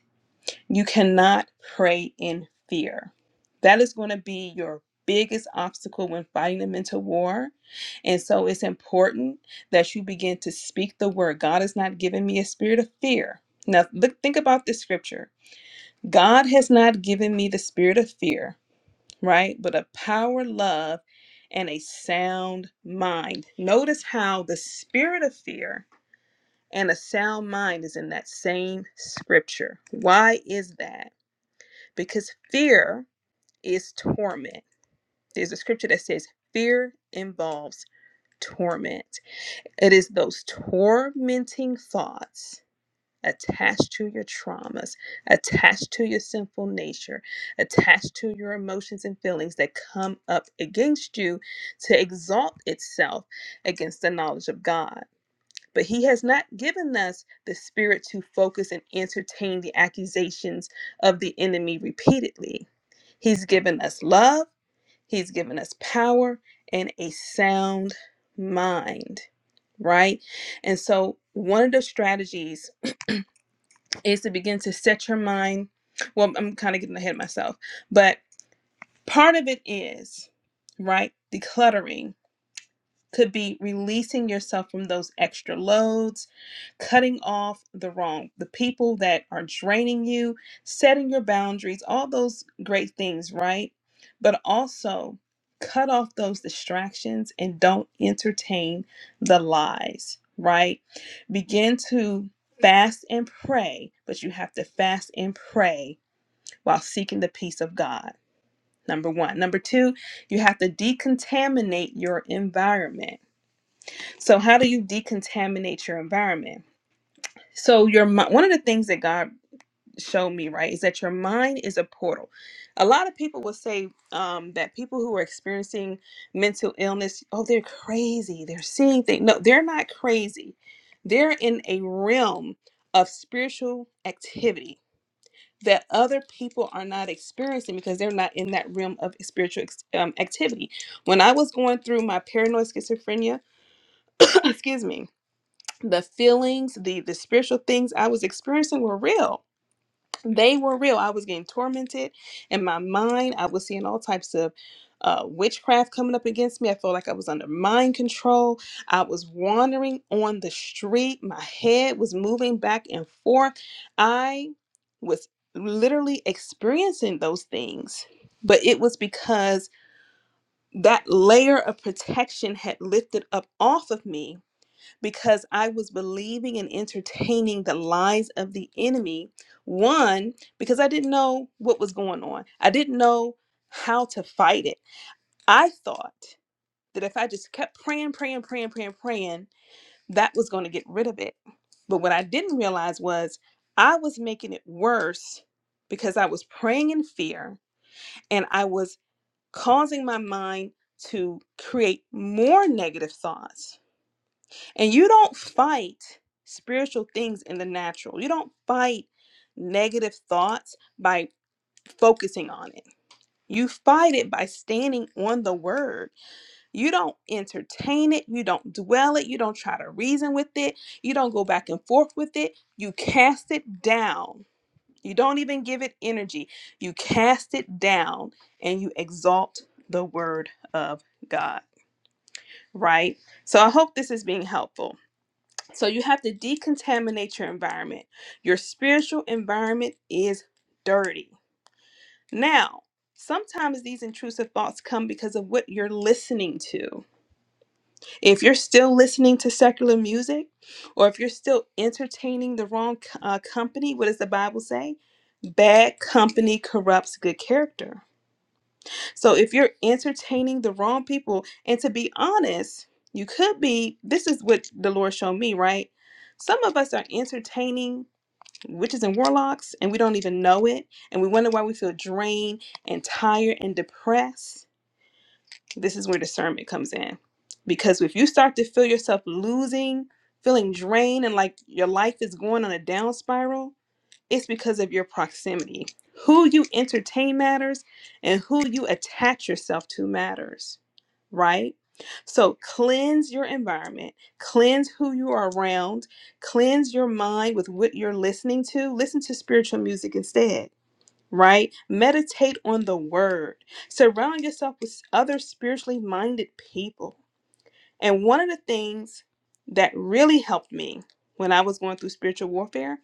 [SPEAKER 1] you cannot pray in fear that is going to be your biggest obstacle when fighting the mental war and so it's important that you begin to speak the word god has not given me a spirit of fear now look think about this scripture god has not given me the spirit of fear right? But a power, love, and a sound mind. Notice how the spirit of fear and a sound mind is in that same scripture. Why is that? Because fear is torment. There's a scripture that says fear involves torment. It is those tormenting thoughts attached to your traumas, attached to your sinful nature, attached to your emotions and feelings that come up against you to exalt itself against the knowledge of God. But He has not given us the spirit to focus and entertain the accusations of the enemy repeatedly. He's given us love, He's given us power, and a sound mind, right? And so, one of the strategies is to begin to set your mind. Well, I'm kind of getting ahead of myself, but part of it is, right, decluttering could be releasing yourself from those extra loads, cutting off the wrong, the people that are draining you, setting your boundaries, all those great things, right? But also cut off those distractions and don't entertain the lies, right? Begin to fast and pray, but you have to fast and pray while seeking the peace of God. Number one. Number two, you have to decontaminate your environment so how do you decontaminate your environment? So your mi- one of the things that God showed me right is that your mind is a portal. A lot of people will say um, that people who are experiencing mental illness, oh, they're crazy. They're seeing things. No, they're not crazy. They're in a realm of spiritual activity that other people are not experiencing because they're not in that realm of spiritual ex- um, activity. When I was going through my paranoid schizophrenia, [coughs] excuse me, the feelings the the spiritual things i was experiencing were real they were real i was getting tormented in my mind i was seeing all types of uh, witchcraft coming up against me i felt like i was under mind control i was wandering on the street my head was moving back and forth i was literally experiencing those things but it was because that layer of protection had lifted up off of me because I was believing and entertaining the lies of the enemy. One, because I didn't know what was going on, I didn't know how to fight it. I thought that if I just kept praying, praying, praying, praying, praying, that was going to get rid of it. But what I didn't realize was I was making it worse because I was praying in fear and I was causing my mind to create more negative thoughts and you don't fight spiritual things in the natural. You don't fight negative thoughts by focusing on it. You fight it by standing on the word. You don't entertain it. You don't dwell it. You don't try to reason with it. You don't go back and forth with it. You cast it down. You don't even give it energy. You cast it down and you exalt the word of God, right? So I hope this is being helpful. So you have to decontaminate your environment. Your spiritual environment is dirty. Now, sometimes these intrusive thoughts come because of what you're listening to. If you're still listening to secular music, or if you're still entertaining the wrong uh, company, what does the Bible say? Bad company corrupts good character. So if you're entertaining the wrong people, and to be honest, you could be, this is what the Lord showed me, right? Some of us are entertaining witches and warlocks and we don't even know it and we wonder why we feel drained and tired and depressed this is where discernment comes in because if you start to feel yourself losing feeling drained and like your life is going on a down spiral it's because of your proximity. Who you entertain matters, and who you attach yourself to matters, right? So cleanse your environment, cleanse who you are around, cleanse your mind with what you're listening to. Listen to spiritual music instead, right? Meditate on the word. Surround yourself with other spiritually minded people. And one of the things that really helped me when I was going through spiritual warfare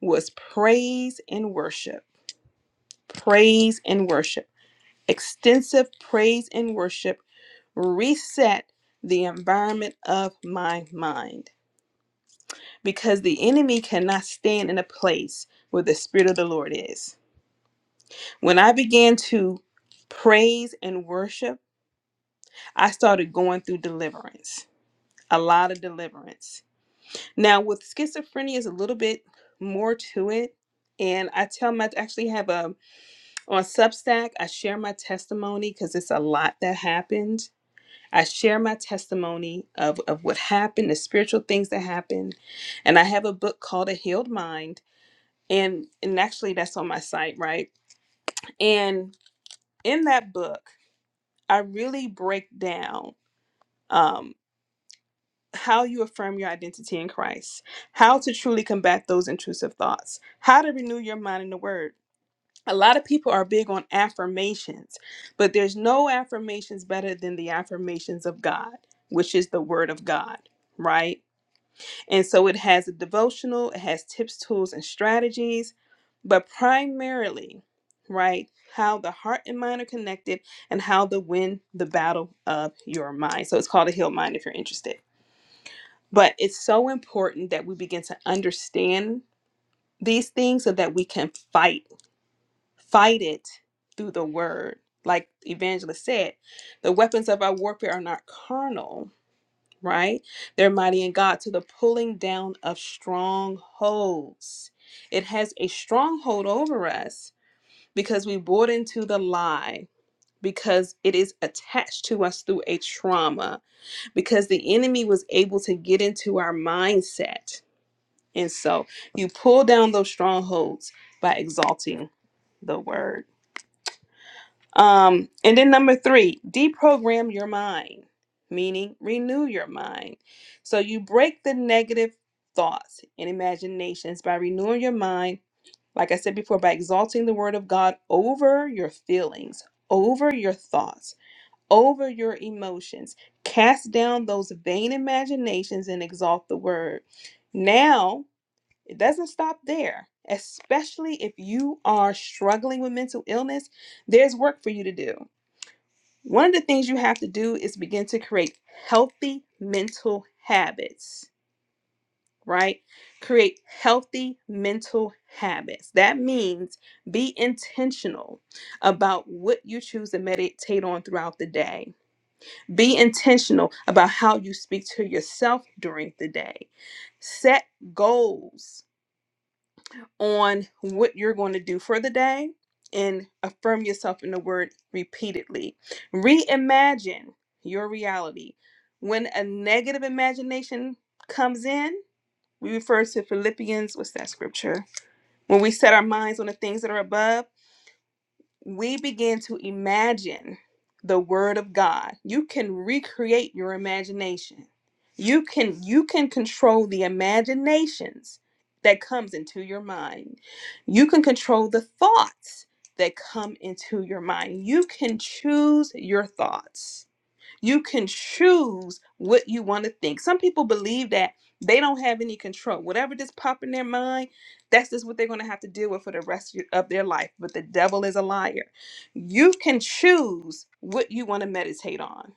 [SPEAKER 1] was praise and worship. Praise and worship. Extensive praise and worship reset the environment of my mind because the enemy cannot stand in a place where the Spirit of the Lord is. When I began to praise and worship, I started going through deliverance, a lot of deliverance. Now, with schizophrenia, is a little bit more to it. And I tell my, I actually have a On Substack, I share my testimony because it's a lot that happened. I share my testimony of, of what happened, the spiritual things that happened. And I have a book called A Healed Mind. And, and actually, that's on my site, right? And in that book, I really break down um, how you affirm your identity in Christ, how to truly combat those intrusive thoughts, how to renew your mind in the Word, a lot of people are big on affirmations, but there's no affirmations better than the affirmations of God, which is the Word of God, right? And so it has a devotional, it has tips, tools, and strategies, but primarily, right, how the heart and mind are connected and how to win the battle of your mind. So it's called a healed mind if you're interested. But it's so important that we begin to understand these things so that we can fight Fight it through the word. Like Evangelist said, the weapons of our warfare are not carnal, right? They're mighty in God to the pulling down of strongholds. It has a stronghold over us because we bought into the lie, because it is attached to us through a trauma, because the enemy was able to get into our mindset. And so you pull down those strongholds by exalting the word. Um, and then number three, deprogram your mind, meaning renew your mind. So you break the negative thoughts and imaginations by renewing your mind, like I said before, by exalting the word of God over your feelings, over your thoughts, over your emotions. Cast down those vain imaginations and exalt the word. Now, it doesn't stop there, especially if you are struggling with mental illness, there's work for you to do one of the things you have to do is begin to create healthy mental habits, right? Create healthy mental habits. That means be intentional about what you choose to meditate on throughout the day. Be intentional about how you speak to yourself during the day. Set goals on what you're going to do for the day and affirm yourself in the word repeatedly. Reimagine your reality. When a negative imagination comes in, we refer to Philippians, what's that scripture? When we set our minds on the things that are above, we begin to imagine the word of god you can recreate your imagination you can you can control the imaginations that comes into your mind you can control the thoughts that come into your mind you can choose your thoughts you can choose what you want to think. Some people believe that they don't have any control. Whatever just pop in their mind, that's just what they're going to have to deal with for the rest of their life. But the devil is a liar. You can choose what you want to meditate on.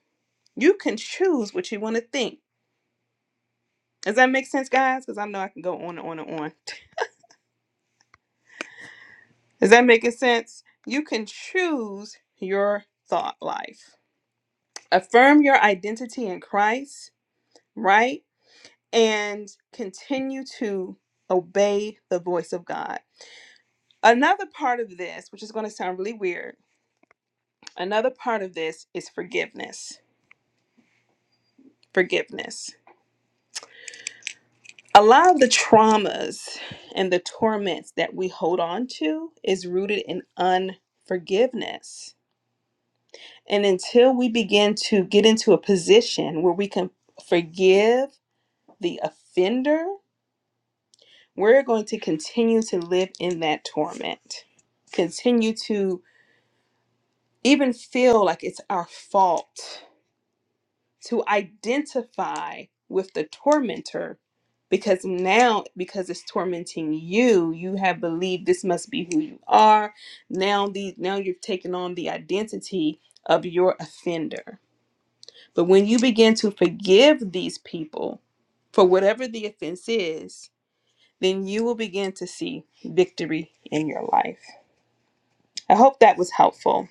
[SPEAKER 1] You can choose what you want to think. Does that make sense, guys? Because I know I can go on and on and on. [laughs] Is that making sense? You can choose your thought life. Affirm your identity in Christ, right? and continue to obey the voice of God. Another part of this, which is going to sound really weird, another part of this is forgiveness. Forgiveness. A lot of the traumas and the torments that we hold on to is rooted in unforgiveness. And until we begin to get into a position where we can forgive the offender, we're going to continue to live in that torment, continue to even feel like it's our fault to identify with the tormentor because now because it's tormenting you you have believed this must be who you are now the now you've taken on the identity of your offender but when you begin to forgive these people for whatever the offense is then you will begin to see victory in your life i hope that was helpful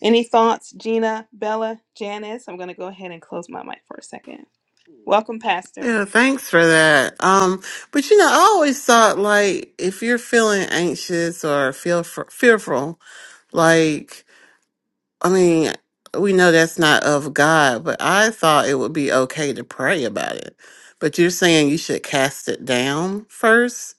[SPEAKER 1] Any thoughts, Gina, Bella, Janice? I'm going to go ahead and close my mic for a second. Welcome, Pastor.
[SPEAKER 3] Yeah, thanks for that. Um, but you know, I always thought like if you're feeling anxious or feel fr- fearful, like I mean, we know that's not of God, but I thought it would be okay to pray about it. But you're saying you should cast it down first.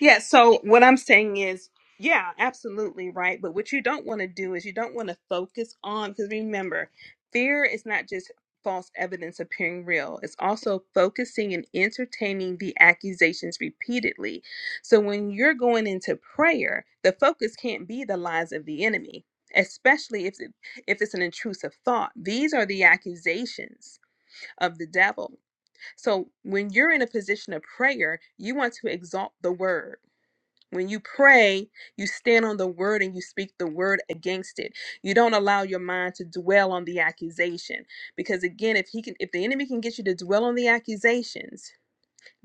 [SPEAKER 1] Yeah, so what I'm saying is, yeah, absolutely right. But what you don't want to do is you don't want to focus on, because remember, fear is not just false evidence appearing real, it's also focusing and entertaining the accusations repeatedly. So when you're going into prayer, the focus can't be the lies of the enemy. Especially if it, if it's an intrusive thought, these are the accusations of the devil. So when you're in a position of prayer, you want to exalt the word. When you pray, you stand on the word and you speak the word against it. You don't allow your mind to dwell on the accusation because again, if he can if the enemy can get you to dwell on the accusations,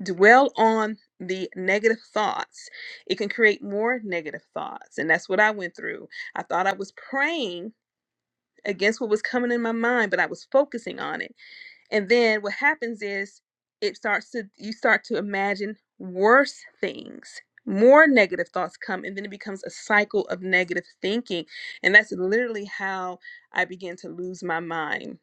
[SPEAKER 1] dwell on the negative thoughts, it can create more negative thoughts. And that's what I went through. I thought I was praying against what was coming in my mind, but I was focusing on it. And then what happens is it starts to you start to imagine worse things. More negative thoughts come and then it becomes a cycle of negative thinking. And that's literally how I began to lose my mind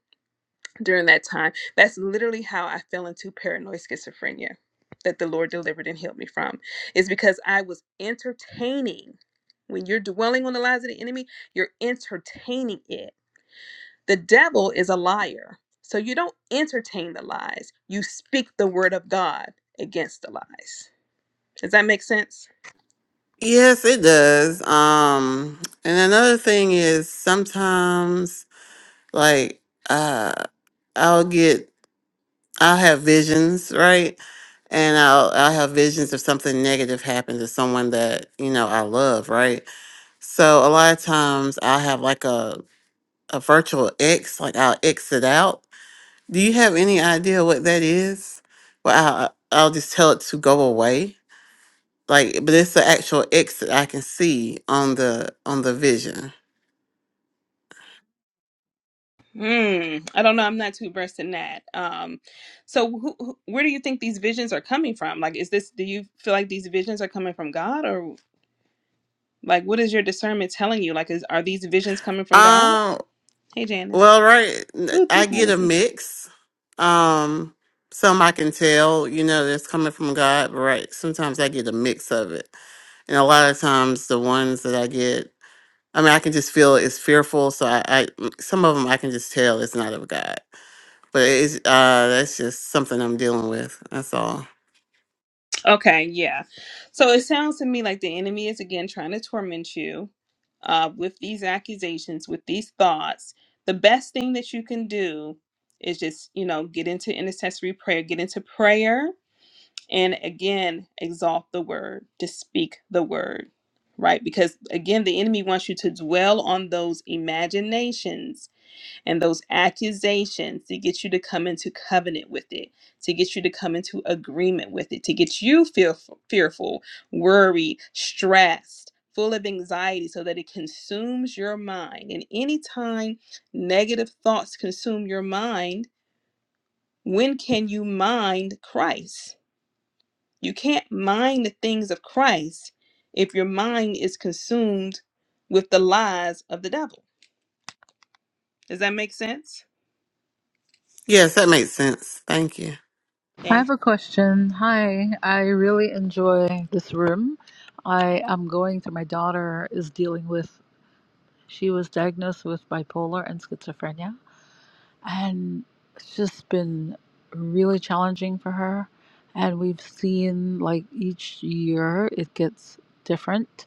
[SPEAKER 1] during that time. That's literally how I fell into paranoid schizophrenia that the Lord delivered and healed me from. Is because I was entertaining when you're dwelling on the lies of the enemy, you're entertaining it the devil is a liar. So you don't entertain the lies. You speak the word of God against the lies. Does that make sense?
[SPEAKER 3] Yes, it does. Um, and another thing is sometimes like uh i'll get i'll have visions right and i'll i'll have visions of something negative happen to someone that you know i love right so a lot of times i'll have like a a virtual X, like i'll X it out do you have any idea what that is well i'll, I'll just tell it to go away like but it's the actual X that i can see on the on the vision
[SPEAKER 1] Hmm. I don't know. I'm not too versed in that. Um. So, who, who, where do you think these visions are coming from? Like, is this? Do you feel like these visions are coming from God, or like, what is your discernment telling you? Like, is are these visions coming from God?
[SPEAKER 3] um
[SPEAKER 1] Hey, Janice.
[SPEAKER 3] Well, right,
[SPEAKER 1] Ooh,
[SPEAKER 3] I
[SPEAKER 1] two
[SPEAKER 3] get a
[SPEAKER 1] Janices.
[SPEAKER 3] mix. Um, some I can tell, you know, that's coming from God, but right, sometimes I get a mix of it. And a lot of times the ones that I get, I mean, I can just feel it's fearful. So I, I some of them I can just tell it's not of God. But it's, uh, that's just something I'm dealing with. That's all.
[SPEAKER 1] Okay, yeah. So it sounds to me like the enemy is again trying to torment you uh, with these accusations, with these thoughts. The best thing that you can do is just, you know, get into intercessory prayer, get into prayer, and again, exalt the word, to speak the word, right? Because again, the enemy wants you to dwell on those imaginations and those accusations to get you to come into covenant with it, to get you to come into agreement with it, to get you feel fearful, worried, stressed, full of anxiety so that it consumes your mind. And anytime negative thoughts consume your mind, when can you mind Christ? You can't mind the things of Christ if your mind is consumed with the lies of the devil. Does that make sense?
[SPEAKER 3] Yes, that makes sense. Thank you.
[SPEAKER 5] I
[SPEAKER 1] Thank
[SPEAKER 5] have a question. Hi, I really enjoy this room. I am going through my daughter is dealing with she was diagnosed with bipolar and schizophrenia and it's just been really challenging for her and we've seen like each year it gets different.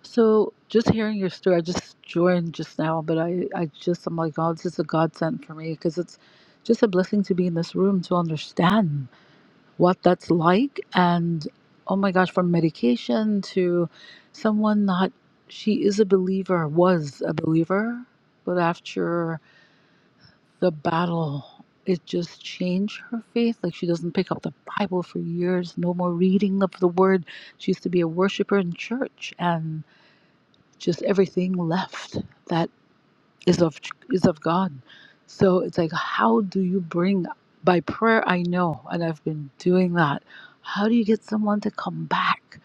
[SPEAKER 5] So just hearing your story, I just joined just now, but I, I just I'm like, oh, this is a godsend for me because it's just a blessing to be in this room to understand what that's like and oh my gosh from medication to someone not she is a believer was a believer but after the battle it just changed her faith like she doesn't pick up the bible for years no more reading of the word she used to be a worshiper in church and just everything left that is of is of God. So it's like how do you bring by prayer I know and I've been doing that. How do you get someone to come back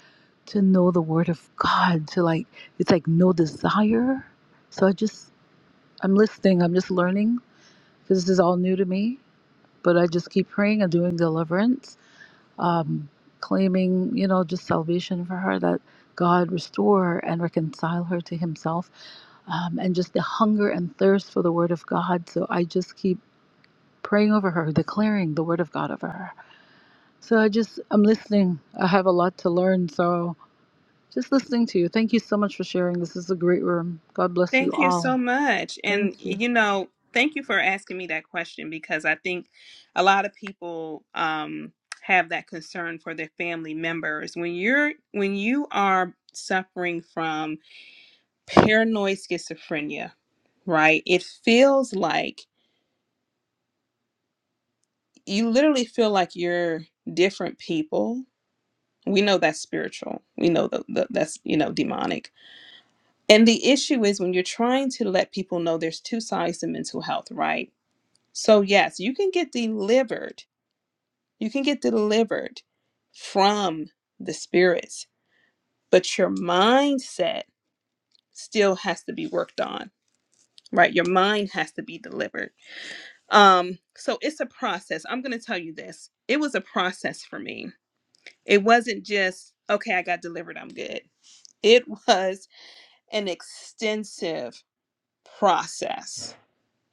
[SPEAKER 5] to know the word of God to like it's like no desire. So I just I'm listening, I'm just learning because this is all new to me, but I just keep praying and doing deliverance, um claiming, you know, just salvation for her that God restore and reconcile her to himself um, and just the hunger and thirst for the Word of God. So I just keep praying over her, declaring the Word of God over her. So I just, I'm listening. I have a lot to learn. So just listening to you. Thank you so much for sharing. This is a great room. God bless you
[SPEAKER 1] Thank you
[SPEAKER 5] all.
[SPEAKER 1] so much. And,
[SPEAKER 5] Thank you.
[SPEAKER 1] you know, thank you for asking me that question because I think a lot of people um, have that concern for their family members. When you're, when you are suffering from paranoid schizophrenia, right, it feels like you literally feel like you're different people. We know that's spiritual. We know that that- that's, you know, demonic. And the issue is when you're trying to let people know there's two sides to mental health, right? So, yes, you can get delivered. You can get delivered from the spirits, but your mindset still has to be worked on, right? Your mind has to be delivered. Um, so it's a process. I'm going to tell you this. It was a process for me. It wasn't just, okay, I got delivered, I'm good. It [laughs] was an extensive process.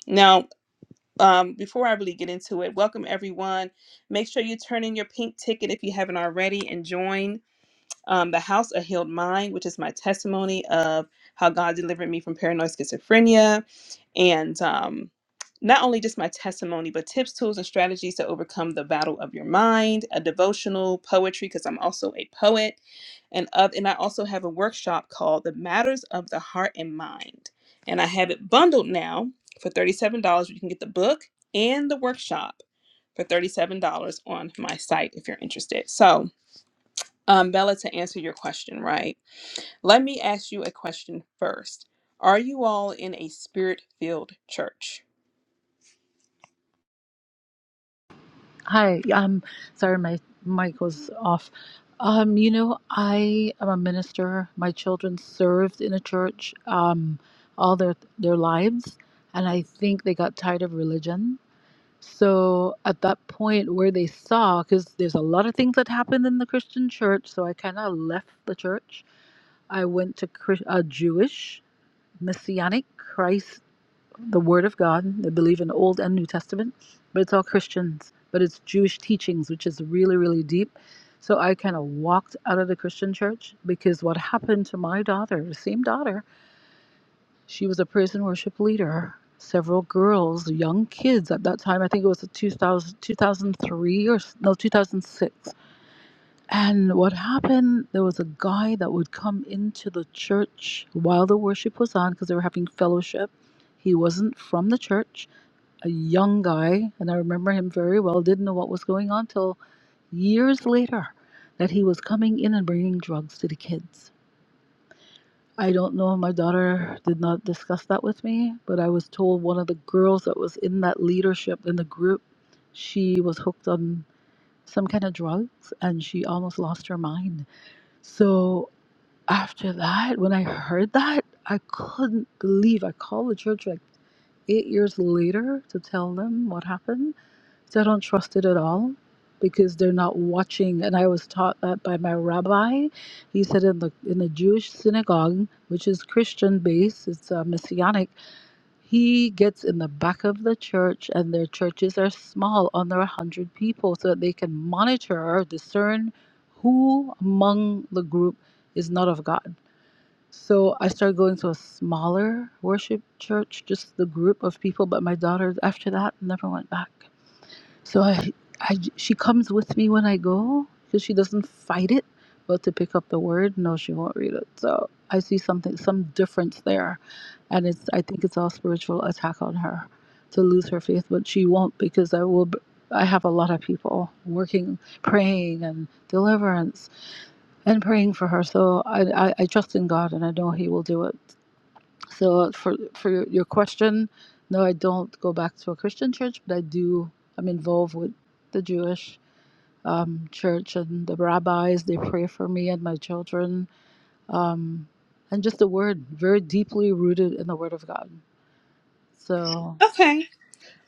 [SPEAKER 1] Now, um, before I really get into it, welcome everyone. Make sure you turn in your pink ticket if you haven't already and join um, The House, A Healed Mind, which is my testimony of how God delivered me from paranoid schizophrenia. And um, not only just my testimony, but tips, tools, and strategies to overcome the battle of your mind, a devotional, poetry, because I'm also a poet. And, of, and I also have a workshop called The Matters of the Heart and Mind. And I have it bundled now for $37. You can get the book and the workshop for $37 on my site if you're interested. So, um, Bella, to answer your question, right? Let me ask you a question first. Are you all in a spirit filled church?
[SPEAKER 5] Hi. Um, sorry, my mic was off. Um, you know, I am a minister. My children served in a church um, all their their lives, and I think they got tired of religion So at that point where they saw, because there's a lot of things that happened in the Christian church, so I kind of left the church. I went to Chris- a Jewish Messianic Christ, the Word of God. They believe in Old and New Testament, but it's all Christians, but it's Jewish teachings, which is really, really deep. So I kind of walked out of the Christian church because what happened to my daughter, the same daughter, she was a praise and worship leader. Several girls, young kids at that time, I think it was 2000, 2003 or no, 2006. And what happened, there was a guy that would come into the church while the worship was on because they were having fellowship. He wasn't from the church, a young guy, and I remember him very well, didn't know what was going on till years later that he was coming in and bringing drugs to the kids I don't know. My daughter did not discuss that with me, but I was told one of the girls that was in that leadership in the group, she was hooked on some kind of drugs and she almost lost her mind. So after that, when I heard that, I couldn't believe. I called the church like eight years later to tell them what happened so I don't trust it at all because they're not watching. And I was taught that by my rabbi. He said in the in the Jewish synagogue, which is Christian based, it's uh, messianic. He gets in the back of the church, and their churches are small, under a hundred people, so that they can monitor or discern who among the group is not of God. So I started going to a smaller worship church, just the group of people. But my daughter, after that, never went back. So I, I she comes with me when I go because she doesn't fight it. But to pick up the word, no, she won't read it. So I see something, some difference there, and it's I think it's all spiritual attack on her to lose her faith, but she won't because I will. b- I have a lot of people working, praying, and deliverance, and praying for her. So I, I, I trust in God, and I know He will do it. So uh, for for your your question, no, I don't go back to a Christian church, but I do. I'm involved with the Jewish um, church and the rabbis. They pray for me and my children, um, and just the word, very deeply rooted in the Word of God. So
[SPEAKER 1] Okay.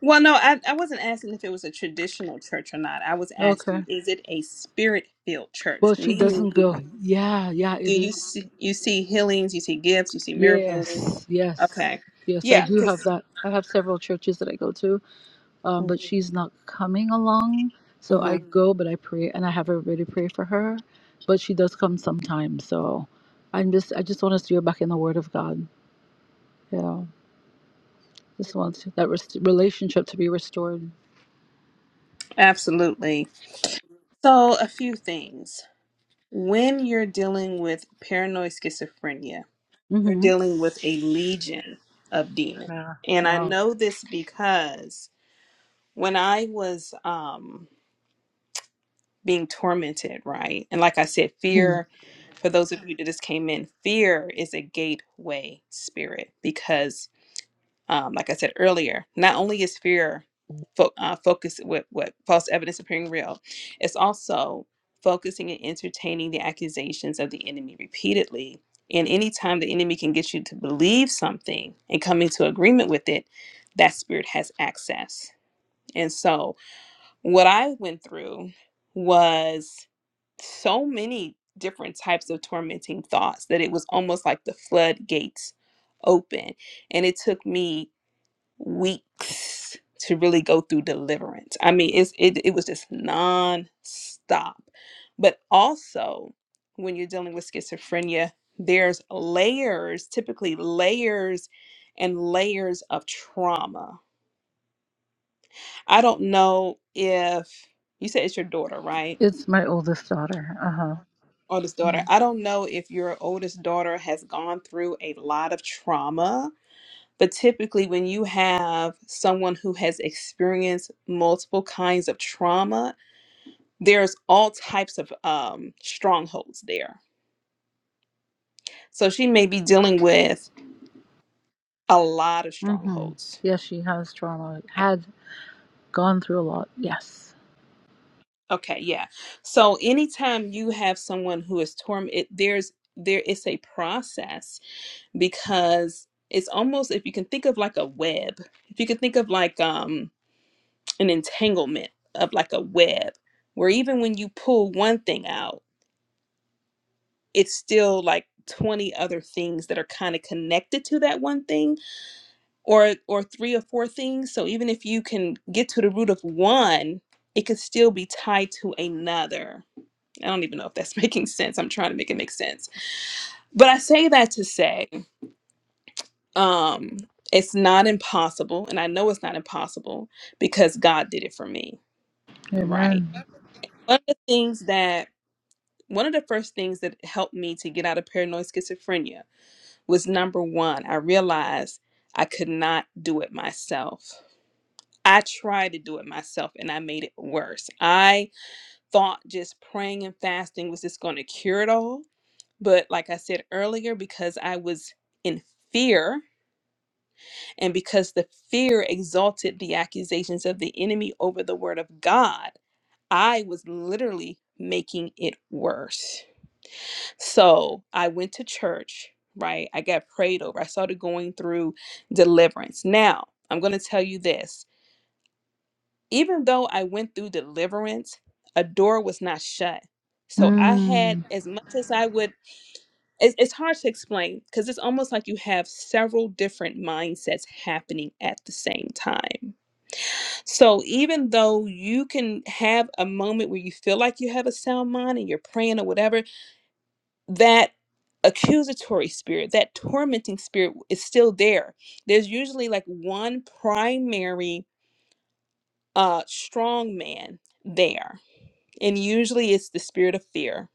[SPEAKER 1] Well, no, I, I wasn't asking if it was a traditional church or not. I was
[SPEAKER 5] okay.
[SPEAKER 1] asking, is it a spirit filled church?
[SPEAKER 5] Well, she
[SPEAKER 1] Meaning,
[SPEAKER 5] doesn't
[SPEAKER 1] do you,
[SPEAKER 5] go. Yeah, yeah,
[SPEAKER 1] do
[SPEAKER 5] it
[SPEAKER 1] you
[SPEAKER 5] is.
[SPEAKER 1] see you see healings, you see gifts, you see miracles?
[SPEAKER 5] Yes, yes,
[SPEAKER 1] Okay,
[SPEAKER 5] yes. I
[SPEAKER 1] yeah,
[SPEAKER 5] do
[SPEAKER 1] 'cause-
[SPEAKER 5] have that. I have several churches that I go to um, but she's not coming along. So I
[SPEAKER 1] Mhm.
[SPEAKER 5] go, but I pray, and I have everybody pray for her. But she does come sometimes. So I'm just, I just want us to be back in the Word of God. Yeah, just want to- that rest- relationship to be restored.
[SPEAKER 1] absolutely. So, a few things when you're dealing with paranoid schizophrenia. We're
[SPEAKER 5] hmm
[SPEAKER 1] dealing with a legion of demons.
[SPEAKER 5] Yeah.
[SPEAKER 1] And I
[SPEAKER 5] Wow.
[SPEAKER 1] know this because when I was um being tormented, right? And like I said,
[SPEAKER 5] hmm
[SPEAKER 1] fear, for those of you that just came in, fear is a gateway spirit because um, like I said earlier, not only is fear fo- uh, focused with, with false evidence appearing real, it's also focusing and entertaining the accusations of the enemy repeatedly. And anytime the enemy can get you to believe something and come into agreement with it, that spirit has access. And so, what I went through was so many different types of tormenting thoughts that it was almost like the floodgates open. And it took me weeks to really go through deliverance. I mean, it's it it was just non-stop. But also when you're dealing with schizophrenia, there's layers, typically layers and layers of trauma. I don't know if you said it's your daughter, right?
[SPEAKER 5] It's my oldest daughter. Uh huh.
[SPEAKER 1] Oldest daughter. I
[SPEAKER 5] Mm-hmm.
[SPEAKER 1] don't know if your oldest daughter has gone through a lot of trauma But typically, when you have someone who has experienced multiple kinds of trauma, there's all types of um, strongholds there. So she may be dealing with a lot of
[SPEAKER 5] hmm
[SPEAKER 1] strongholds.
[SPEAKER 5] Yes, she has trauma.
[SPEAKER 1] Okay,
[SPEAKER 5] Had gone through a lot. Yes.
[SPEAKER 1] Okay, yeah. So anytime you have someone who is tormented, there's there is a process because it's almost if you can think of like a web, if you can think of like um an entanglement of like a web, where even when you pull one thing out it's still like 20 other things that are kind of connected to that one thing or or three or four things so even if you can get to the root of one it could still be tied to another i don't even know if that's [laughs] making sense i'm trying to make it make sense but i say that to say um it's not impossible and i know it's not impossible because god did it for me right
[SPEAKER 5] Amen.
[SPEAKER 1] one of the things that one of the first things that helped me to get out of paranoid schizophrenia was number one. I realized I could not do it myself. I tried to do it myself and I made it worse. I thought just praying and fasting was just going to cure it all. But like I said earlier, because I was in fear and because the fear exalted the accusations of the enemy over the word of God, I was literally making it worse. So I went to church, right? I got prayed over. I started going through deliverance. Now, I'm going to tell you this even though I went through deliverance, a door was not shut. So I had
[SPEAKER 5] Mm.
[SPEAKER 1] as much as I would, it's, it's hard to explain because it's almost like you have several different mindsets happening at the same time. So even though you can have a moment where you feel like you have a sound mind and you're praying or whatever, that accusatory spirit, that tormenting spirit is still there. There's usually like one primary uh strong man there. And usually it's the spirit of fear.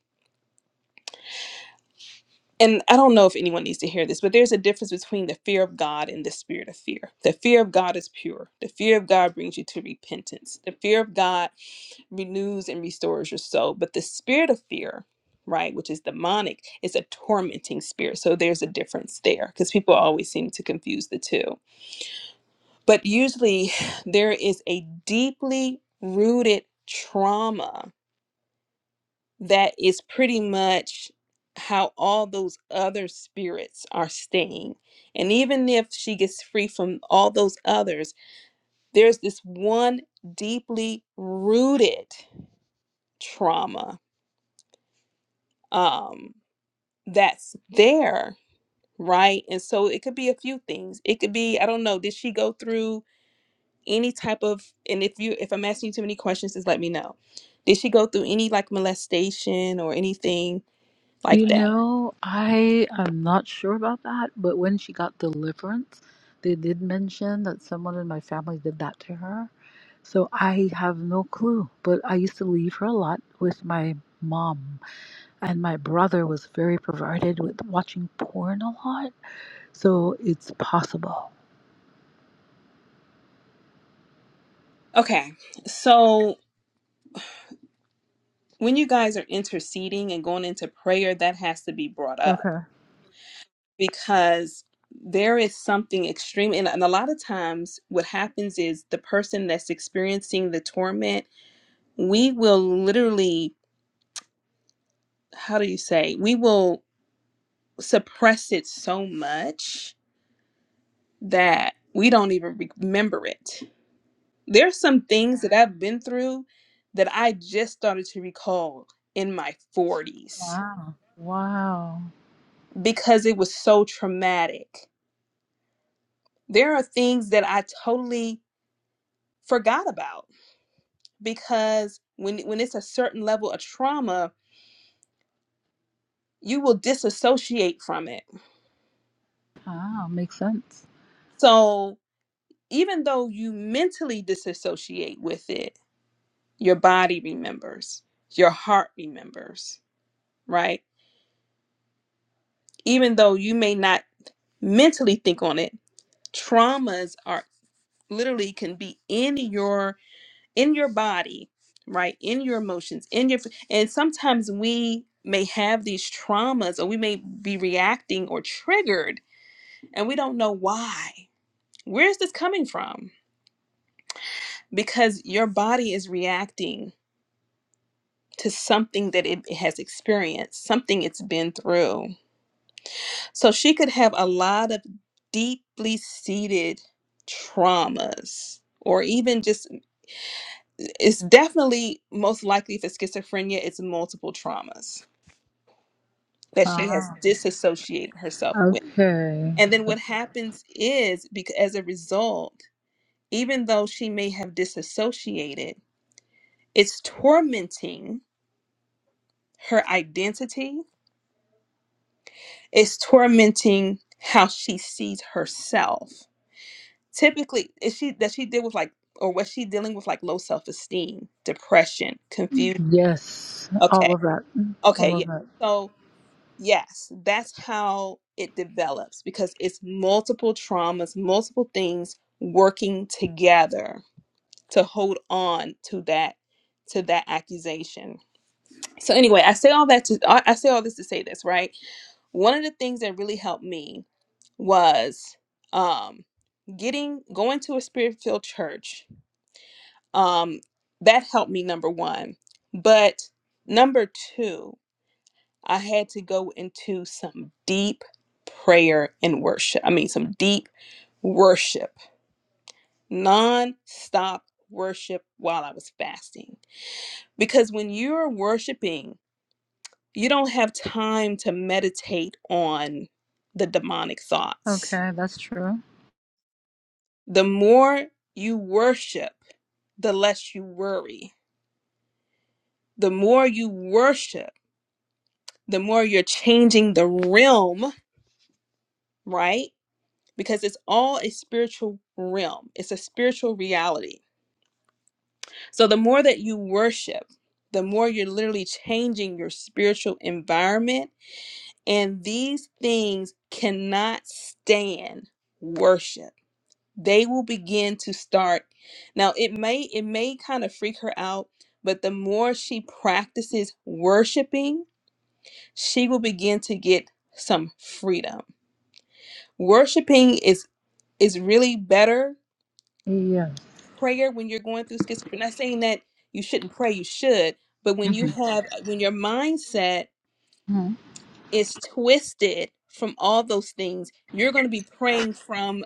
[SPEAKER 1] And I don't know if anyone needs to hear this, but there's a difference between the fear of God and the spirit of fear. The fear of God is pure. The fear of God brings you to repentance. The fear of God renews and restores your soul. But the spirit of fear, right, which is demonic, is a tormenting spirit. So there's a difference there because people always seem to confuse the two. But usually [sighs] there is a deeply rooted trauma that is pretty much how all those other spirits are staying. And even if she gets free from all those others, there's this one deeply rooted trauma. Um, that's there, right? And so it could be a few things. It could be, I don't know, did she go through any type of and if you if I'm asking you too many questions, just let me know. Did she go through any like molestation or anything like
[SPEAKER 5] You
[SPEAKER 1] that?
[SPEAKER 5] know, I am not sure about that, but when she got deliverance, they did mention that someone in my family did that to her. So I have no clue, but I used to leave her a lot with my mom, and my brother was very perverted with watching porn a lot. So it's possible.
[SPEAKER 1] Okay. So when you guys are interceding and going into prayer, that has to be brought up.
[SPEAKER 5] Okay.
[SPEAKER 1] because there is something extreme and, and a lot of times what happens is the person that's experiencing the torment we will literally how do you say we will suppress it so much that we don't even re- remember it there's some things that i've been through that i just started to recall in my 40s
[SPEAKER 5] Wow. Wow.
[SPEAKER 1] because it was so traumatic there are things that i totally forgot about because when when it's a certain level of trauma, you will disassociate from it.
[SPEAKER 5] Wow. Makes sense.
[SPEAKER 1] So even though you mentally disassociate with it, your body remembers, your heart remembers, right? Even though you may not mentally think on it, traumas are literally can be in your in your body, right? In your emotions, in your and sometimes we may have these traumas or we may be reacting or triggered and we don't know why. Where is this coming from? Because your body is reacting to something that it has experienced, something it's been through. So she could have a lot of deeply seated traumas. Or even just, it's definitely most likely for schizophrenia, it's multiple traumas that she has
[SPEAKER 5] Wow.
[SPEAKER 1] disassociated herself with.
[SPEAKER 5] Okay.
[SPEAKER 1] And then what happens is, because as a result, even though she may have disassociated, It's tormenting her identity, it's tormenting how she sees herself. Typically, is she that she did with like or was she dealing with like low self-esteem, depression, confusion?
[SPEAKER 5] Yes. All
[SPEAKER 1] Okay.
[SPEAKER 5] of that.
[SPEAKER 1] Okay,
[SPEAKER 5] All
[SPEAKER 1] yeah.
[SPEAKER 5] of that.
[SPEAKER 1] So, yes, that's how it develops because it's multiple traumas, multiple things working together to hold on to that to that accusation. So anyway, I say all that to I I say all this to say this, right? One of the things that really helped me was um, getting going to a spirit filled church. Um, that helped me, number one. But number two, I had to go into some deep prayer and worship. I mean, some deep worship, non stop worship while I was fasting. Because when you're worshiping, you don't have time to meditate on the demonic thoughts
[SPEAKER 5] Okay, that's true.
[SPEAKER 1] The more you worship, the less you worry. The more you worship, the more you're changing the realm, right? Because it's all a spiritual realm, it's a spiritual reality. So the more that you worship, the more you're literally changing your spiritual environment. And these things cannot stand worship. they will begin to start now it may it may kind of freak her out but the more she practices worshiping she will begin to get some freedom worshiping is is really better
[SPEAKER 5] Yes.
[SPEAKER 1] prayer when you're going through schizophrenia not saying that you shouldn't pray you should but when you
[SPEAKER 5] hmm
[SPEAKER 1] have when your mindset
[SPEAKER 5] Mhm.
[SPEAKER 1] is twisted from all those things you're going to be praying from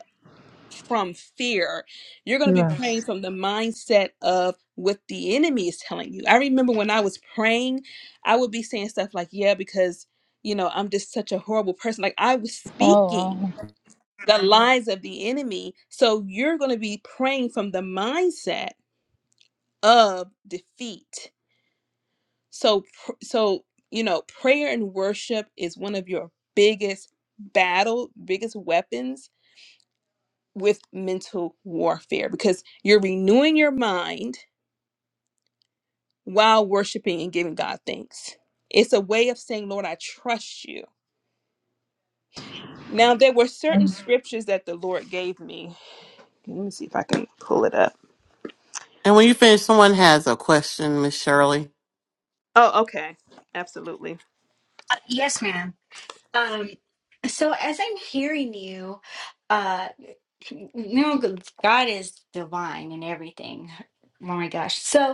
[SPEAKER 1] from fear. You're going to be praying
[SPEAKER 5] Yes.
[SPEAKER 1] from the mindset of what the enemy is telling you. I remember when I was praying, I would be saying stuff like, yeah, because, you know, I'm just such a horrible person. Like I was
[SPEAKER 5] Oh, wow.
[SPEAKER 1] speaking the lies of the enemy. So you're going to be praying from the mindset of defeat. So, pr- so, you know, prayer and worship is one of your biggest battle, biggest weapons with mental warfare because you're renewing your mind while worshiping and giving God thanks. It's a way of saying, Lord, I trust you. Now, there were certain
[SPEAKER 5] Um,
[SPEAKER 1] scriptures that the Lord gave me. Let me see if I can pull it up.
[SPEAKER 3] And when you finish, someone has a question, Miss Shirley.
[SPEAKER 1] Oh, okay. Absolutely.
[SPEAKER 6] Uh, Yes, ma'am. Um, so as I'm hearing you, uh, you know, God is divine and everything. Oh my gosh. So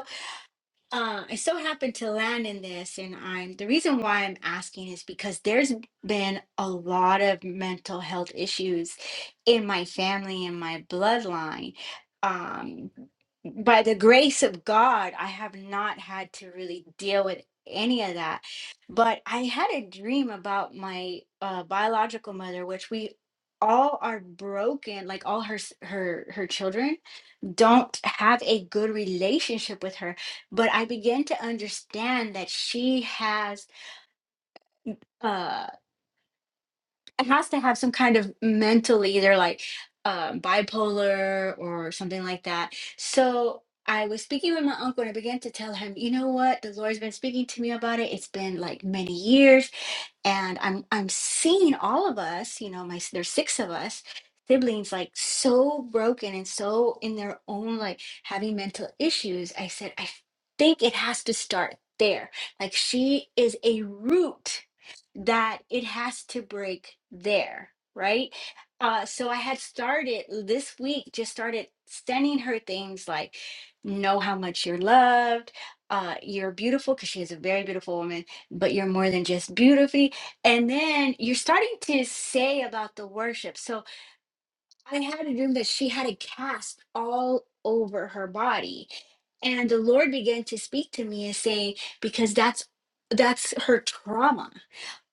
[SPEAKER 6] uh, I so happened to land in this, and I'm the reason why I'm asking is because there's been a lot of mental health issues in my family and my bloodline. Um, by the grace of God, I have not had to really deal with any of that. But I had a dream about my uh, biological mother, which we all are broken, like all her s- her her children don't have a good relationship with her but i began to understand that she has uh, it has to have some kind of mental either like um, bipolar or something like that. So I was speaking with my uncle and I began to tell him, you know what, the Lord's been speaking to me about it. It's been like many years, and I'm I'm seeing all of us. You know, my s- there's six of us siblings like so broken and so in their own like having mental issues. I said I think it has to start there. Like she is a root that it has to break there right uh so i had started this week just started sending her things like know how much you're loved uh you're beautiful because she is a very beautiful woman but you're more than just beautifully and then you're starting to say about the worship so i had a dream that she had a cast all over her body and the lord began to speak to me and say because that's that's her trauma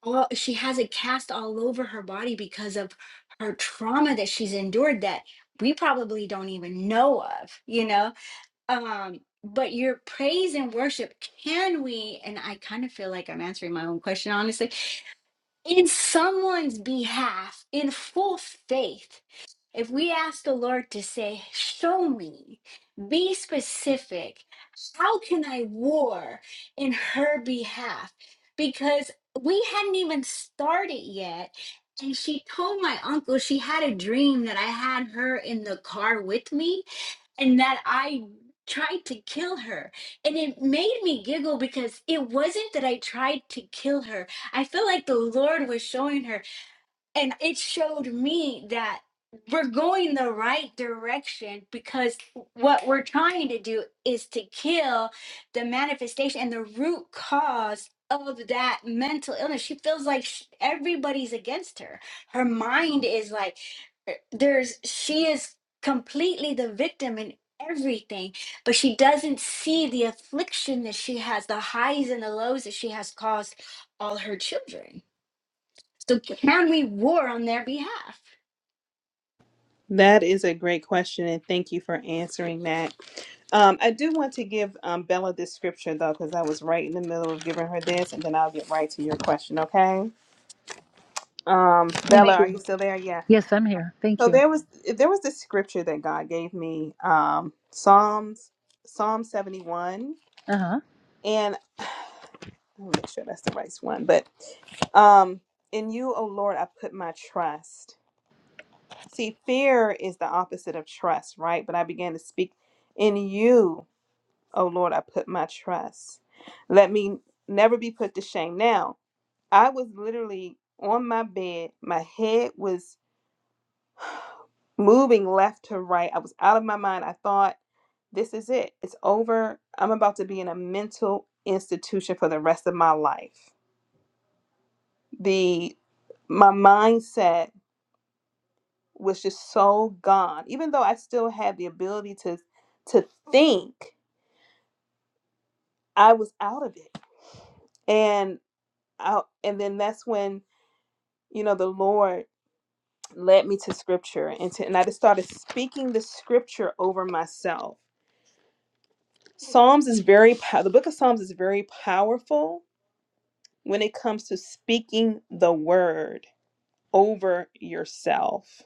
[SPEAKER 6] well, she has a cast all over her body because of her trauma that she's endured that we probably don't even know of you know um but your praise and worship can we and i kind of feel like i'm answering my own question honestly in someone's behalf in full faith if we ask the Lord to say, Show me, be specific, how can I war in her behalf? Because we hadn't even started yet. And she told my uncle she had a dream that I had her in the car with me and that I tried to kill her. And it made me giggle because it wasn't that I tried to kill her. I feel like the Lord was showing her and it showed me that we're going the right direction because what we're trying to do is to kill the manifestation and the root cause of that mental illness she feels like sh- everybody's against her her mind is like eh, there's she is completely the victim in everything but she doesn't see the affliction that she has the highs and the lows that she has caused all her children so can we war on their behalf?
[SPEAKER 1] That is a great question, and thank you for answering that. Um, I do want to give um, Bella this scripture, though, because I was right in the middle of giving her this, and then I'll get right to your question, okay? Um,
[SPEAKER 5] Thank
[SPEAKER 1] Bella, are
[SPEAKER 5] you.
[SPEAKER 1] you still there? Yeah.
[SPEAKER 5] Yes, I'm here. Thank
[SPEAKER 1] So
[SPEAKER 5] you.
[SPEAKER 1] there was there was this scripture that God gave me, um, Psalms Psalm seventy one,
[SPEAKER 5] Uh huh.
[SPEAKER 1] and let me make sure that's the right one. But um, in you, O Lord, I put my trust. See, fear is the opposite of trust, right? But I began to speak in you, O Lord, I put my trust. Let me never be put to shame. Now I was literally on my bed, my head was moving left to right. I was out of my mind. I thought, this is it. It's over. I'm about to be in a mental institution for the rest of my life. The my mindset was just so gone. Even though I still had the ability to to think, I was out of it. And I, and then that's when, you know, the Lord led me to scripture and to, and I just started speaking the scripture over myself Psalms is very pow- the book of Psalms is very powerful when it comes to speaking the word over yourself.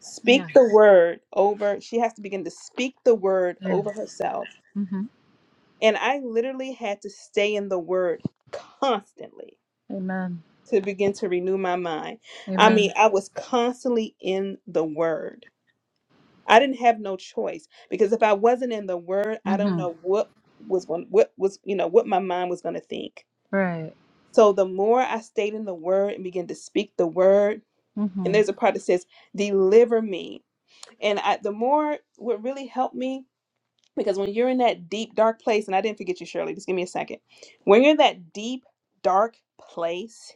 [SPEAKER 1] Speak the
[SPEAKER 5] Yes.
[SPEAKER 1] word over she has to begin to speak the word over
[SPEAKER 5] Yes.
[SPEAKER 1] herself.
[SPEAKER 5] hmm
[SPEAKER 1] And I literally had to stay in the word constantly
[SPEAKER 5] Amen.
[SPEAKER 1] to begin to renew my mind. I mean,
[SPEAKER 5] Amen.
[SPEAKER 1] I was constantly in the word. I didn't have no choice because if I wasn't in the word, I don't
[SPEAKER 5] hmm
[SPEAKER 1] know what was going what was, you know, what my mind was going to think
[SPEAKER 5] Right.
[SPEAKER 1] So the more I stayed in the word and began to speak the word, and
[SPEAKER 5] Mm-hmm.
[SPEAKER 1] there's a part that says, deliver me. And I, the more what really helped me, because when you're in that deep, dark place, and I didn't forget you, Shirley, just give me a second. When you're in that deep, dark place,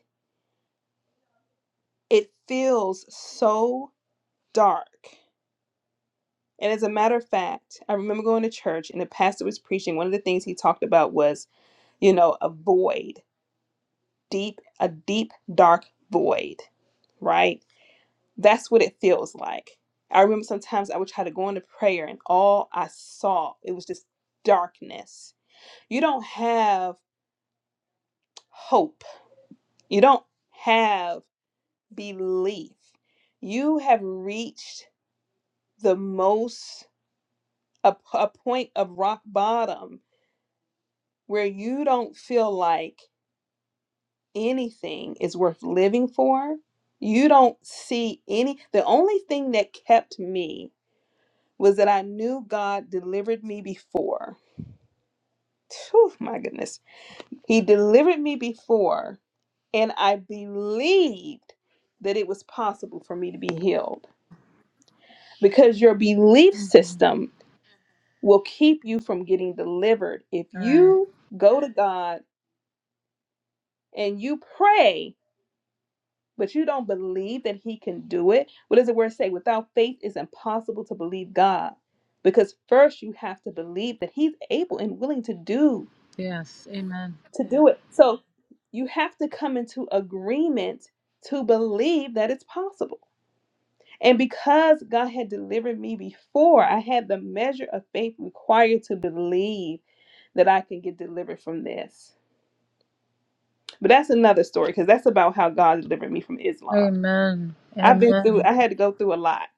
[SPEAKER 1] it feels so dark. And as a matter of fact, I remember going to church and the pastor was preaching. One of the things he talked about was, you know, a void, deep, a deep, dark void, right? That's what it feels like. I remember sometimes I would try to go into prayer and all I saw it was just darkness. You don't have hope. You don't have belief. You have reached the most a, a point of rock bottom where you don't feel like anything is worth living for. You don't see any the only thing that kept me was that I knew God delivered me before Phew, my goodness. He delivered me before, and I believed that it was possible for me to be healed because your belief
[SPEAKER 5] Mm-hmm.
[SPEAKER 1] system will keep you from getting delivered. If
[SPEAKER 5] All right.
[SPEAKER 1] you go to God and you pray, but you don't believe that He can do it, what does the word say? Without faith, it's impossible to believe God because first you have to believe that He's able and willing to do
[SPEAKER 5] Yes. Amen.
[SPEAKER 1] to do it. So You have to come into agreement to believe that it's possible. And because God had delivered me before, I had the measure of faith required to believe that I can get delivered from this. But that's another story because that's about how God delivered me from Islam.
[SPEAKER 5] Amen.
[SPEAKER 1] I've been through,
[SPEAKER 5] Amen.
[SPEAKER 1] I had to go through a lot.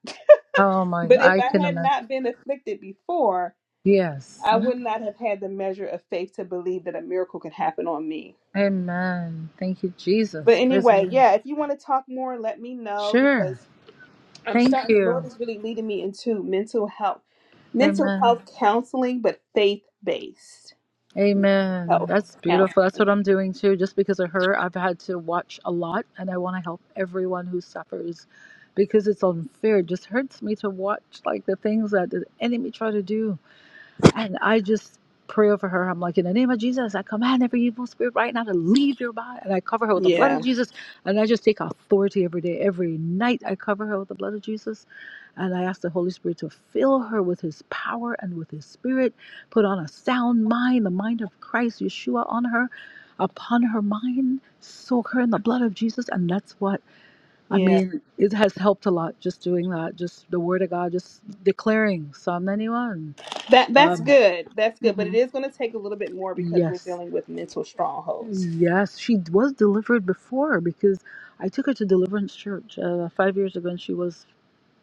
[SPEAKER 5] Oh my!
[SPEAKER 1] But if
[SPEAKER 5] I
[SPEAKER 1] I
[SPEAKER 5] can
[SPEAKER 1] had
[SPEAKER 5] imagine.
[SPEAKER 1] not been afflicted before,
[SPEAKER 5] Yes.
[SPEAKER 1] I would not have had the measure of faith to believe that a miracle could happen on me.
[SPEAKER 5] Amen. Thank you,
[SPEAKER 1] But
[SPEAKER 5] Jesus. Praise the
[SPEAKER 1] anyway,
[SPEAKER 5] Lord.
[SPEAKER 1] yeah, if you want to talk more, let me know because
[SPEAKER 5] Sure.
[SPEAKER 1] I'm
[SPEAKER 5] Thank
[SPEAKER 1] starting, the Lord
[SPEAKER 5] you.
[SPEAKER 1] is really leading me into mental health, mental
[SPEAKER 5] Amen.
[SPEAKER 1] health counseling, but faith based
[SPEAKER 5] Amen.
[SPEAKER 1] health
[SPEAKER 5] That's beautiful. That's what
[SPEAKER 1] counseling.
[SPEAKER 5] I'm doing too. Just because of her, I've had to watch a lot and I want to help everyone who suffers because it's unfair. It just hurts me to watch like the things that the enemy try to do. And I just pray over her. I'm like, in the name of Jesus, I command every evil spirit right now to leave your body. And I cover her with the blood
[SPEAKER 1] Yeah.
[SPEAKER 5] of Jesus. And I just take authority every day. Every night, I cover her with the blood of Jesus. And I ask the Holy Spirit to fill her with his power and with his spirit. Put on a sound mind, the mind of Christ, Yeshua, on her, upon her mind. Soak her in the blood of Jesus. And that's what, I
[SPEAKER 1] Yeah.
[SPEAKER 5] mean, it has helped a lot just doing that. Just the word of God, just declaring Psalm 91.
[SPEAKER 1] That that's
[SPEAKER 5] Um,
[SPEAKER 1] good. That's good.
[SPEAKER 5] mhm.
[SPEAKER 1] But it is gonna take a little bit more because we're
[SPEAKER 5] Yes.
[SPEAKER 1] dealing with mental strongholds.
[SPEAKER 5] Yes, she d- was delivered before because I took her to Deliverance Church uh, five years ago and she was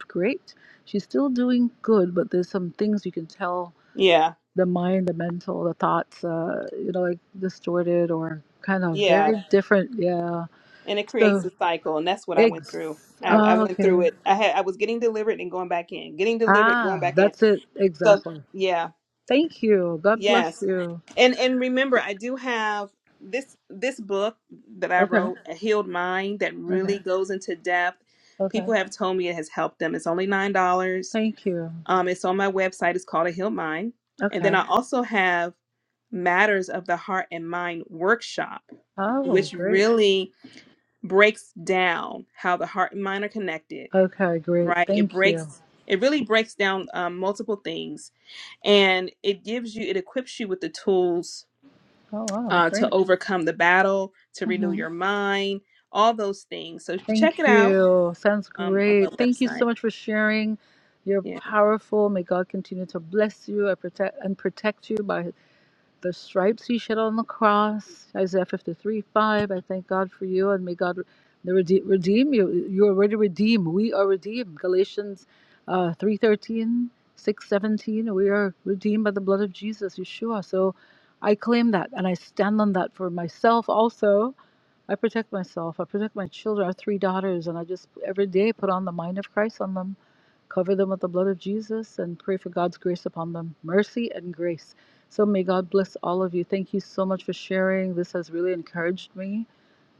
[SPEAKER 5] great. She's still doing good, but there's some things you can tell
[SPEAKER 1] Yeah.
[SPEAKER 5] the mind, the mental, the thoughts, uh, you know, like distorted or kind of very
[SPEAKER 1] Yeah.
[SPEAKER 5] Yeah. different. Yeah.
[SPEAKER 1] And it creates
[SPEAKER 5] So,
[SPEAKER 1] a cycle and that's what I went through.
[SPEAKER 5] eggs.
[SPEAKER 1] I, I
[SPEAKER 5] Oh,
[SPEAKER 1] went through
[SPEAKER 5] okay.
[SPEAKER 1] it. I had I was getting delivered and going back in. Getting delivered, going
[SPEAKER 5] Ah,
[SPEAKER 1] back in.
[SPEAKER 5] that's it.
[SPEAKER 1] So
[SPEAKER 5] Exactly.
[SPEAKER 1] yeah.
[SPEAKER 5] Thank you. God
[SPEAKER 1] Yes.
[SPEAKER 5] bless you.
[SPEAKER 1] and and remember i do have this this book that i
[SPEAKER 5] Okay.
[SPEAKER 1] wrote a healed mind that really
[SPEAKER 5] Okay.
[SPEAKER 1] goes into depth people
[SPEAKER 5] Okay.
[SPEAKER 1] have told me it has helped them it's only nine dollars
[SPEAKER 5] Thank you.
[SPEAKER 1] um it's on my website it's called a healed mind and then i
[SPEAKER 5] Okay.
[SPEAKER 1] also have matters of the heart and mind workshop
[SPEAKER 5] Oh,
[SPEAKER 1] which
[SPEAKER 5] great.
[SPEAKER 1] really breaks down how the heart and mind are connected
[SPEAKER 5] Okay, great.
[SPEAKER 1] right it
[SPEAKER 5] Thank you.
[SPEAKER 1] breaks it really breaks down um, multiple things and it gives you it equips you with the tools
[SPEAKER 5] Oh, wow,
[SPEAKER 1] uh, to
[SPEAKER 5] great.
[SPEAKER 1] overcome the battle, to renew
[SPEAKER 5] hmm
[SPEAKER 1] your mind, all those things. So if you should check it
[SPEAKER 5] Thank
[SPEAKER 1] out
[SPEAKER 5] you. Sounds
[SPEAKER 1] um, on my
[SPEAKER 5] great. Thank you
[SPEAKER 1] website.
[SPEAKER 5] so much for sharing. You're
[SPEAKER 1] Yeah,
[SPEAKER 5] powerful. May God continue to bless you and protect and protect you by His. The stripes he shed on the cross, Isaiah 53 5. I thank God for you, and may God the rede- redeem you. You're already redeemed. We are redeemed. Galatians uh, 3 thirteen, six seventeen. We are redeemed by the blood of Jesus, Yeshua. So I claim that, and I stand on that for myself also. I protect myself. I protect my children, our three daughters, and I just every day put on the mind of Christ on them Cover them with the blood of Jesus and pray for God's grace upon them. Mercy and grace. So may God bless all of you. Thank you so much for sharing. This has really encouraged me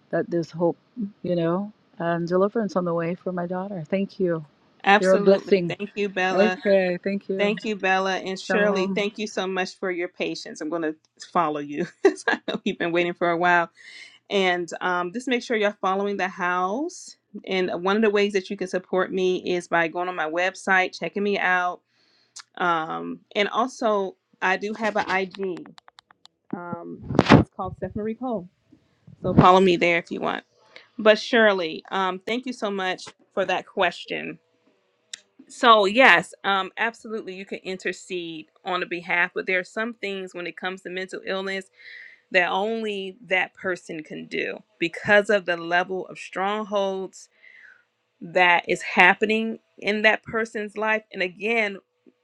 [SPEAKER 5] that there's hope, you know, and deliverance on the way for my daughter. Thank you. You're a
[SPEAKER 1] absolutely.
[SPEAKER 5] blessing.
[SPEAKER 1] Thank you, Bella.
[SPEAKER 5] Okay, thank you.
[SPEAKER 1] Thank you, Bella. And Shirley, thank you so much for your patience. I'm going to follow you. [laughs] 'cause I know you've been waiting for a while. And um, just make sure you're following the house. And one of the ways that you can support me is by going on my website, checking me out. Um, and also, I do have an IG. Um, it's called Steph Marie Cole So follow me there if you want. But Shirley, um, thank you so much for that question. So yes, um, absolutely, you can intercede on the behalf, but there are some things when it comes to mental illness that only that person can do because of the level of strongholds that is happening in that person's life. And again,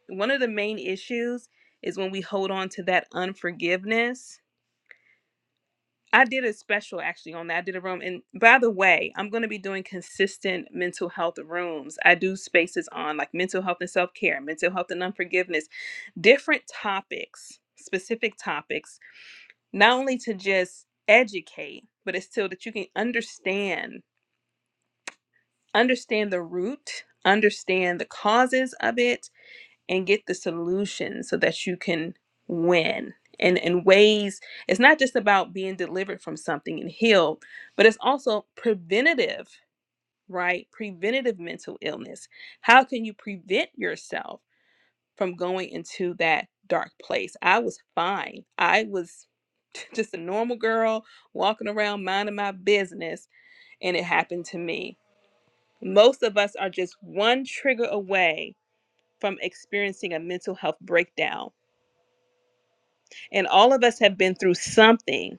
[SPEAKER 1] one of the main issues is when we hold on to that unforgiveness I did a special actually on that. I did a room. And by the way, I'm going to be doing consistent mental health rooms. I do spaces on like mental health and self care, mental health and unforgiveness, different topics, specific topics, not only to just educate, but it's still that you can understand, understand the root, understand the causes of it, and get the solution so that you can win and in ways it's not just about being delivered from something and healed but it's also preventative right preventative mental illness how can you prevent yourself from going into that dark place i was fine i was [laughs] just a normal girl walking around minding my business and it happened to me most of us are just one trigger away from experiencing a mental health breakdown And all of us have been through something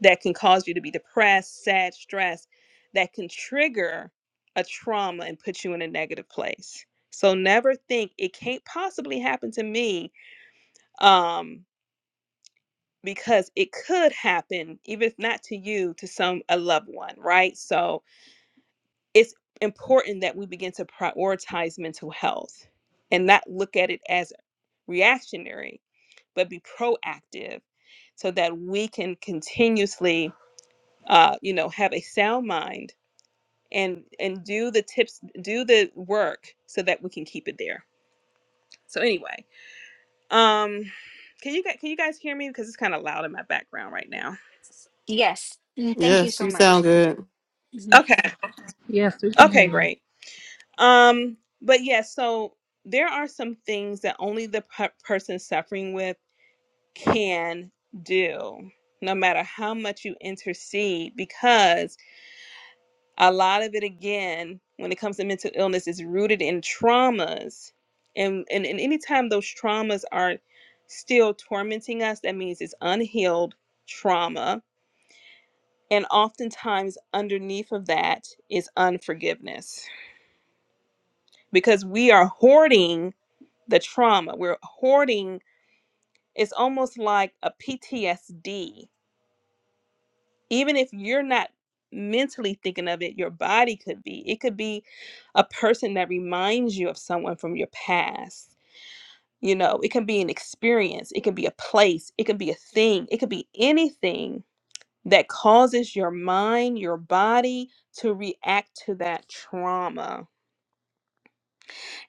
[SPEAKER 1] that can cause you to be depressed, sad, stressed, that can trigger a trauma and put you in a negative place. So never think it can't possibly happen to me um, because it could happen, even if not to you, to some a loved one, right? So it's important that we begin to prioritize mental health and not look at it as reactionary, but be proactive so that we can continuously uh, you know, have a sound mind and and do the tips, do the work so that we can keep it there. So anyway, um, can you gu- can you guys hear me because it's kind of loud in my background right now?
[SPEAKER 6] Yes. Mm, Thank you
[SPEAKER 3] Yes,
[SPEAKER 6] so
[SPEAKER 3] you sound
[SPEAKER 6] much.
[SPEAKER 3] good.
[SPEAKER 6] Mhm.
[SPEAKER 1] Okay,
[SPEAKER 5] Yes, we can hear
[SPEAKER 1] okay,
[SPEAKER 5] you.
[SPEAKER 1] great. Um, but yeah, so there are some things that only the per- person suffering with can do, no matter how much you intercede, because. a lot of it again when it comes to mental illness is rooted in traumas and and, and anytime those traumas are still tormenting us that means it's unhealed trauma and oftentimes underneath of that is unforgiveness because we are hoarding the trauma we're hoarding it's almost like a ptsd even if you're not mentally thinking of it, your body could be. It could be a person that reminds you of someone from your past. You know, it can be an experience, it can be a place, it can be a thing, it could be anything that causes your mind, your body to react to that trauma.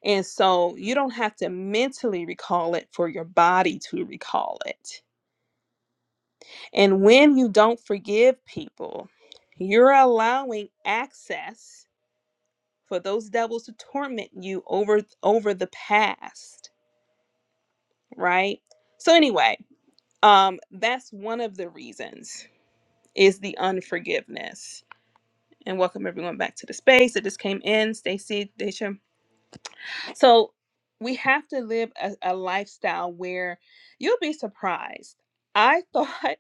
[SPEAKER 1] And so you don't have to mentally recall it for your body to recall it. And when you don't forgive people, you're allowing access for those devils to torment you over over the past right so anyway um that's one of the reasons is the unforgiveness and welcome everyone back to the space that just came in stacy Deisha. so we have to live a, a lifestyle where you'll be surprised i thought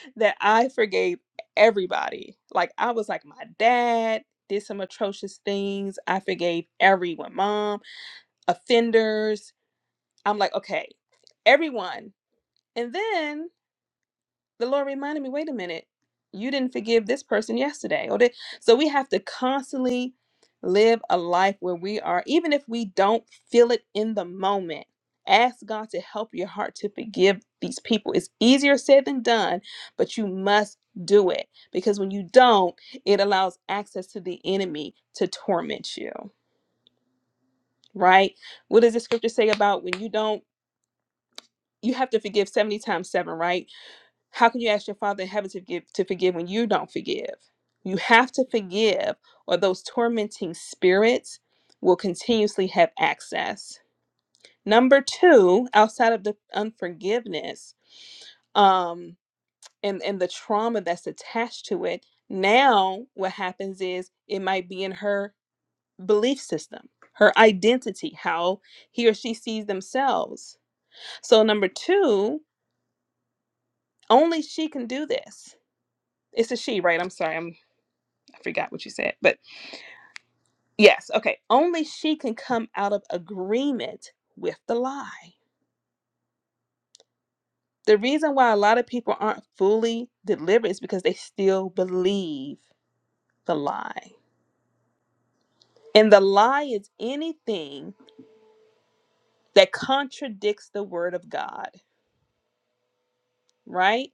[SPEAKER 1] [laughs] that i forgave everybody like i was like my dad did some atrocious things i forgave everyone mom offenders I'm like, okay, everyone. And then the Lord reminded me, wait a minute, you didn't forgive this person yesterday. Or did... So we have to constantly live a life where we are, even if we don't feel it in the moment, ask God to help your heart to forgive these people. It's easier said than done, but you must do it because when you don't, it allows access to the enemy to torment you, right? What does the scripture say about when you don't? You have to forgive 70 times seven, right? How can you ask your Father in heaven to give to forgive when you don't forgive? You have to forgive, or those tormenting spirits will continuously have access. Number two, outside of the unforgiveness um, and and the trauma that's attached to it, now what happens is it might be in her belief system, her identity, how he or she sees themselves. So number two, only she can do this. It's a she, right? I'm sorry. I'm. I forgot what you said, but yes, okay. Only she can come out of agreement with the lie. The reason why a lot of people aren't fully delivered is because they still believe the lie. And the lie is anything that contradicts the word of God, right?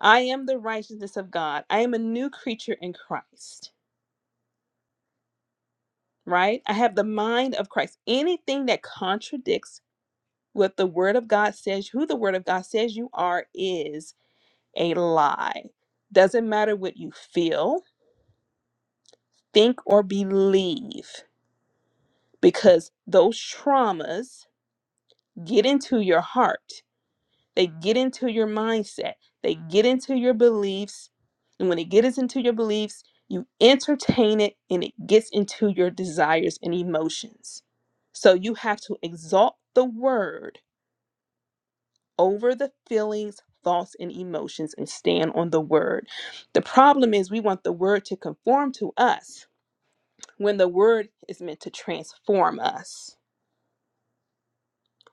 [SPEAKER 1] I am the righteousness of God. I am a new creature in Christ, right? I have the mind of Christ. Anything that contradicts what the word of God says, who the word of God says you are, is a lie. Doesn't matter what you feel, think, or believe, because those traumas get into your heart, they get into your mindset, they get into your beliefs. And when it gets into your beliefs, you entertain it and it gets into your desires and emotions. So you have to exalt the word over the feelings, thoughts, and emotions and stand on the word. The problem is we want the word to conform to us when the word is meant to transform us.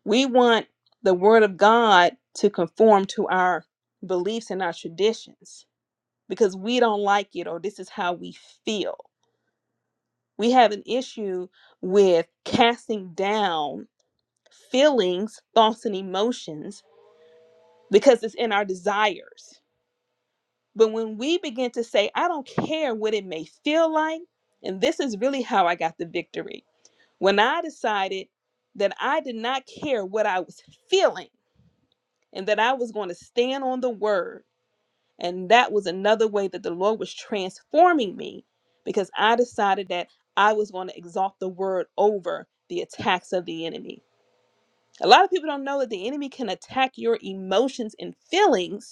[SPEAKER 1] We want the word of God to conform to our beliefs and our traditions because we don't like it or this is how we feel. We have an issue with casting down feelings, thoughts, and emotions because it's in our desires But when we begin to say, I don't care what it may feel like, and this is really how I got the victory. When I decided that I did not care what I was feeling and that I was going to stand on the word, and that was another way that the Lord was transforming me because I decided that I was going to exalt the word over the attacks of the enemy. A lot of people don't know that the enemy can attack your emotions and feelings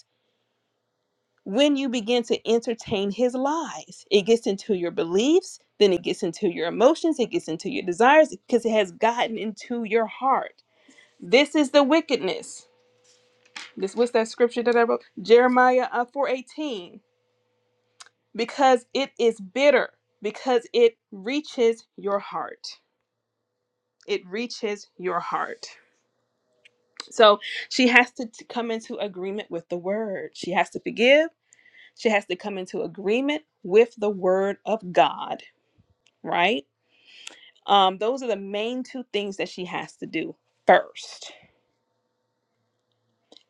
[SPEAKER 1] when you begin to entertain his lies, it gets into your beliefs, then it gets into your emotions, it gets into your desires because it has gotten into your heart. This is the wickedness. This what's that scripture that I wrote? Jeremiah uh, 4:18 because it is bitter because it reaches your heart. It reaches your heart. So she has to t- come into agreement with the word. She has to forgive. She has to come into agreement with the word of God right? Um, those are the main two things that she has to do first.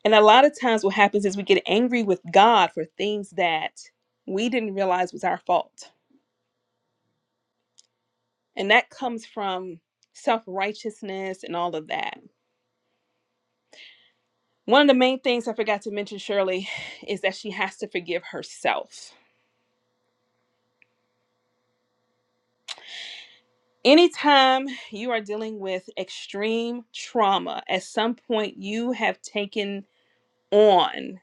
[SPEAKER 1] And a lot of times, what happens is we get angry with God for things that we didn't realize was our fault. And that comes from self righteousness and all of that. One of the main things I forgot to mention, Shirley, is that she has to forgive herself. Anytime you are dealing with extreme trauma, at some point you have taken on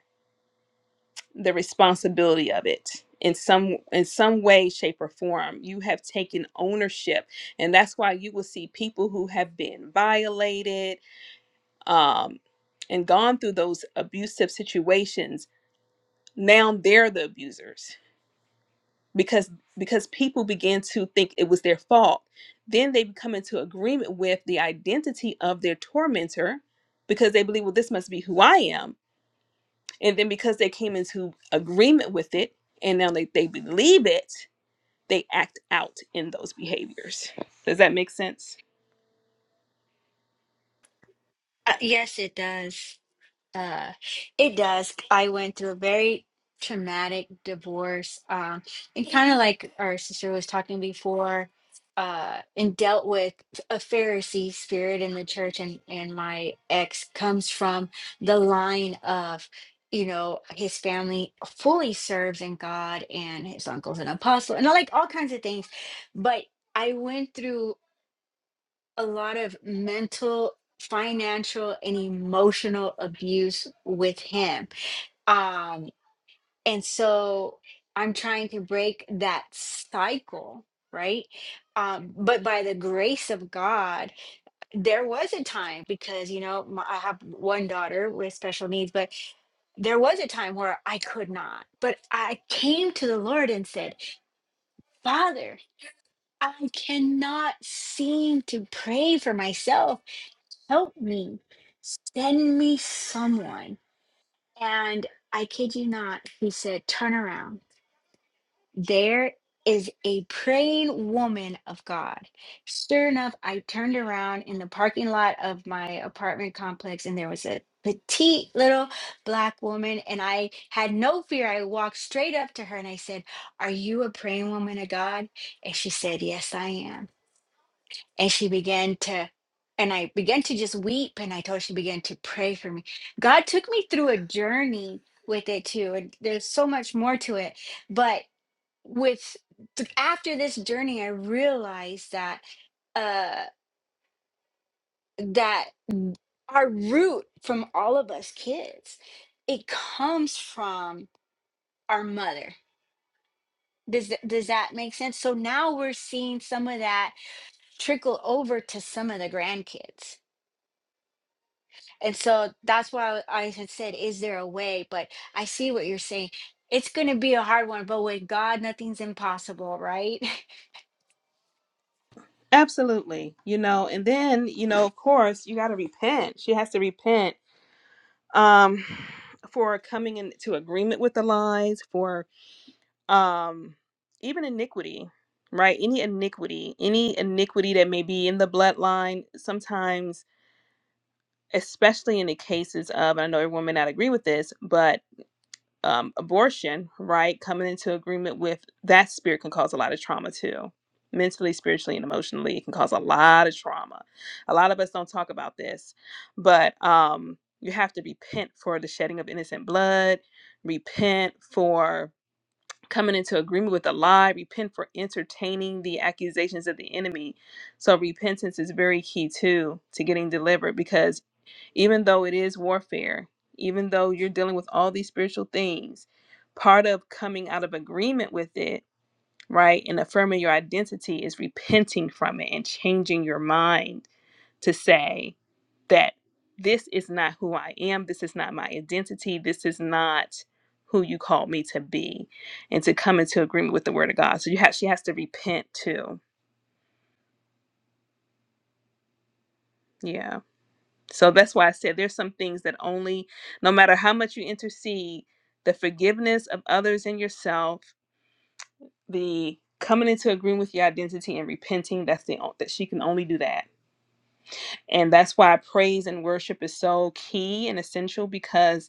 [SPEAKER 1] the responsibility of it in some in some way shape or form you have taken ownership and that's why you will see people who have been violated um, and gone through those abusive situations now they're the abusers because because people begin to think it was their fault then they come into agreement with the identity of their tormentor because they believe well this must be who i am And then because they came into agreement with it and now they, they believe it, they act out in those behaviors. Does that make sense?
[SPEAKER 6] Uh, yes, it does. Uh, it does. I went through a very traumatic divorce, um, and kind of like our sister was talking before, uh, and dealt with a Pharisee spirit in the church, and and my ex comes from the line of. You know, his family fully serves in God, and his uncle's an apostle, and like all kinds of things. But I went through a lot of mental, financial, and emotional abuse with him. Um, and so I'm trying to break that cycle, right? Um, but by the grace of God, there was a time because, you know, my, I have one daughter with special needs, but there was a time where I could not, but I came to the Lord and said, Father, I cannot seem to pray for myself. help me send me someone and i kid you not he said turn around there is a praying woman of god sure enough i turned around in the parking lot of my apartment complex and there was a petite little black woman and i had no fear i walked straight up to her and i said are you a praying woman of god and she said yes i am and she began to and i began to just weep and i told her she began to pray for me god took me through a journey with it too and there's so much more to it but with th- after this journey i realized that uh that our root from all of us kids it comes from our mother does th- does that make sense so now we're seeing some of that trickle over to some of the grandkids And so that's why I had said, is there a way? But I see what you're saying. It's going to be a hard one, but with God, nothing's impossible, right? [laughs]
[SPEAKER 1] Absolutely. You know, and then, you know, of course, you got to repent. She has to repent um for coming into agreement with the lies, for um even iniquity, right? Any iniquity, any iniquity that may be in the bloodline, sometimes especially in the cases of I know everyone may not agree with this, but um, abortion, right? Coming into agreement with that spirit can cause a lot of trauma too. Mentally, spiritually, and emotionally, it can cause a lot of trauma. A lot of us don't talk about this, but um, you have to repent for the shedding of innocent blood, repent for coming into agreement with a lie, repent for entertaining the accusations of the enemy. So repentance is very key too to getting delivered because even though it is warfare, even though you're dealing with all these spiritual things, part of coming out of agreement with it, right, and affirming your identity is repenting from it and changing your mind to say that this is not who I am. This is not my identity. This is not who you called me to be, and to come into agreement with the word of God. So you have she has to repent too. Yeah. So that's why I said there's some things that only, no matter how much you intercede, the forgiveness of others and yourself, the coming into agreement with your identity and repenting. That's the that she can only do that, and that's why praise and worship is so key and essential because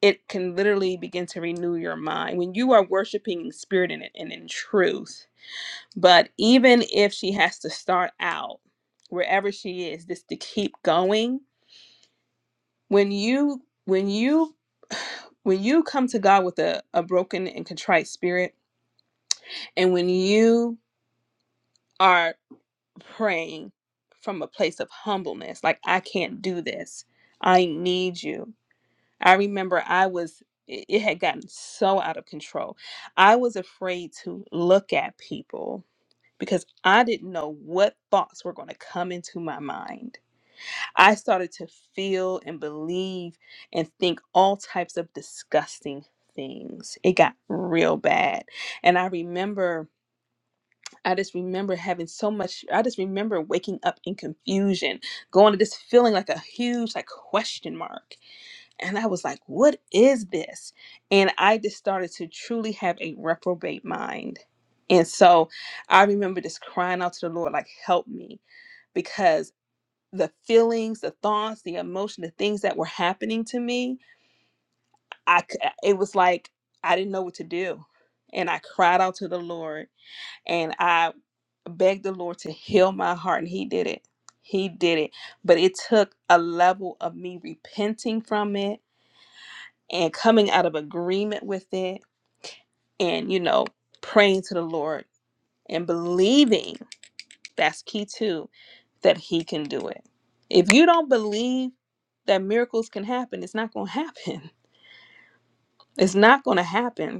[SPEAKER 1] it can literally begin to renew your mind when you are worshiping in spirit and, and in truth. But even if she has to start out wherever she is, just to keep going, when you when you [sighs] when you come to God with a, a broken and contrite spirit, and when you are praying from a place of humbleness, like I can't do this, I need you I remember I was, it it had gotten so out of control. I was afraid to look at people because I didn't know what thoughts were going to come into my mind. I started to feel and believe and think all types of disgusting things. It got real bad. And I remember, I just remember having so much, I just remember waking up in confusion, going to this feeling like a huge, like, question mark. And I was like, what is this? And I just started to truly have a reprobate mind. And so I remember just crying out to the Lord, like, help me, because the feelings, the thoughts, the emotion, the things that were happening to me, I c- uh, it was like I didn't know what to do. And I cried out to the Lord and I begged the Lord to heal my heart and he did it. He did it. But it took a level of me repenting from it and coming out of agreement with it and you know praying to the lord and believing that's key too that he can do it if you don't believe that miracles can happen it's not going to [laughs] happen it's not going to happen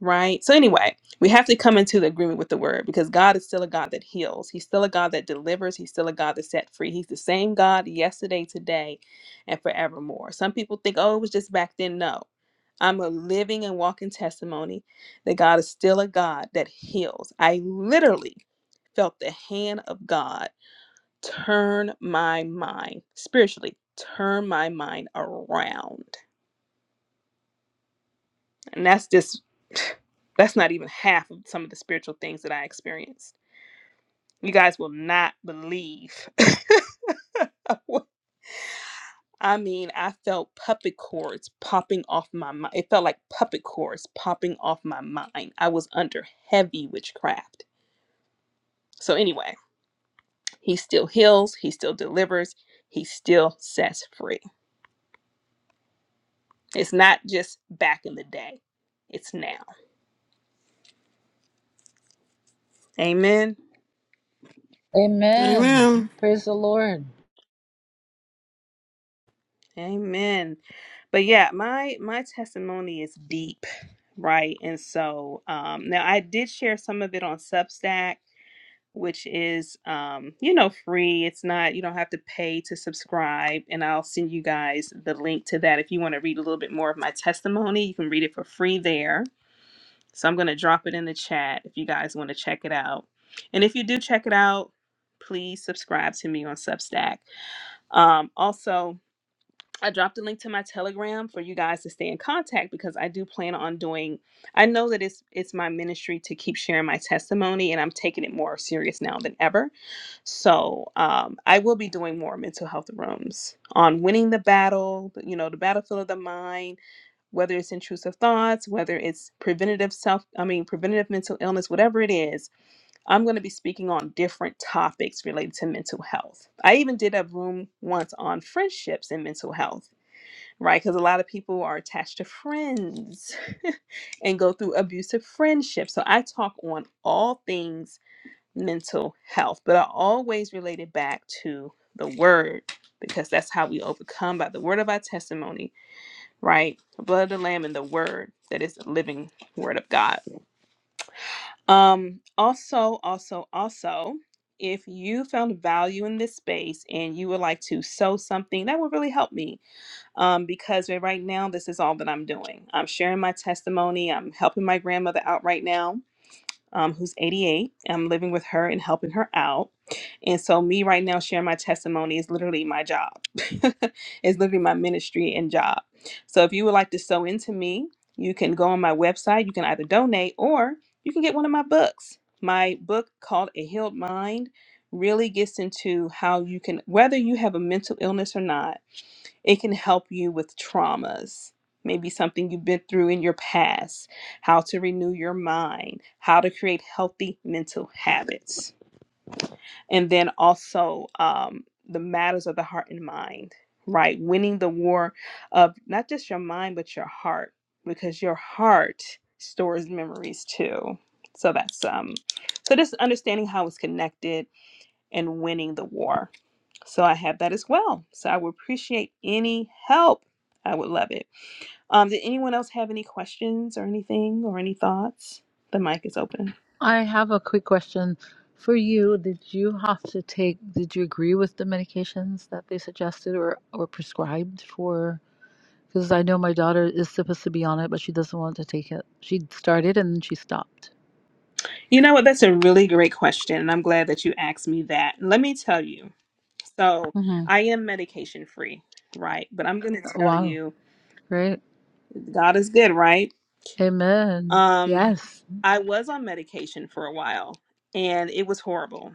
[SPEAKER 1] right? So anyway, we have to come into the agreement with the word because God is still a God that heals. He's still a God that delivers. He's still a God that set free. He's the same God yesterday, today, and forevermore. Some people think, oh, it was just back then. No. I'm a living and walking testimony that God is still a God that heals. I literally felt the hand of God turn my mind spiritually, turn my mind around and that's just [sighs] that's not even half of some of the spiritual things that I experienced. You guys will not believe. [laughs] I mean, I felt puppet cords popping off my mind. It felt like puppet cords popping off my mind. I was under heavy witchcraft. So, anyway, he still heals, he still delivers, he still sets free. It's not just back in the day, it's now. Amen.
[SPEAKER 3] Amen.
[SPEAKER 5] Amen. Praise the Lord.
[SPEAKER 1] Amen. But yeah, my my testimony is deep, right? And so um now I did share some of it on Substack, which is um you know free. It's not you don't have to pay to subscribe, and I'll send you guys the link to that if you want to read a little bit more of my testimony. You can read it for free there. So I'm going to drop it in the chat if you guys want to check it out. And if you do check it out, please subscribe to me on Substack. Um also I dropped a link to my Telegram for you guys to stay in contact because I do plan on doing. I know that it's it's my ministry to keep sharing my testimony, and I'm taking it more serious now than ever. So um, I will be doing more mental health rooms on winning the battle, you know, the battlefield of the mind, whether it's intrusive thoughts, whether it's preventative self, I mean, preventative mental illness, whatever it is. I'm going to be speaking on different topics related to mental health. I even did a room once on friendships and mental health right? Because a lot of people are attached to friends [laughs] and go through abusive friendships. So I talk on all things mental health, but I always relate it back to the word because that's how we overcome by the word of our testimony, right? The blood of the lamb and the word that is the living word of God. Um also, also, also if you found value in this space and you would like to sow something, that would really help me um, because right right now this is all that I'm doing. I'm sharing my testimony. I'm helping my grandmother out right now, um, who's 88. I'm living with her and helping her out. And so me right now sharing my testimony is literally my job. [laughs] it's literally my ministry and job. So if you would like to sew into me, you can go on my website. You can either donate or you can get one of my books. My book called A Healed Mind really gets into how you can, whether you have a mental illness or not it can help you with traumas, maybe something you've been through in your past, how to renew your mind, how to create healthy mental habits. And then also um, the matters of the heart and mind, right? Winning the war of not just your mind, but your heart, because your heart stores memories too. So that's um so just understanding how it's connected and winning the war. So I have that as well. So I would appreciate any help. I would love it. Um, did anyone else have any questions or anything or any thoughts? The mic is open.
[SPEAKER 5] I have a quick question for you. Did you have to take, did you agree with the medications that they suggested or, or prescribed for? because I know my daughter is supposed to be on it, but she doesn't want to take it. She started and then she stopped.
[SPEAKER 1] You know what? That's a really great question. And I'm glad that you asked me that. Let me tell you. So
[SPEAKER 5] hmm
[SPEAKER 1] I am medication free, right? But I'm going to tell
[SPEAKER 5] Wow.
[SPEAKER 1] you,
[SPEAKER 5] Great.
[SPEAKER 1] God is good, right?
[SPEAKER 5] Amen.
[SPEAKER 1] Um,
[SPEAKER 5] Yes.
[SPEAKER 1] I was on medication for a while and it was horrible.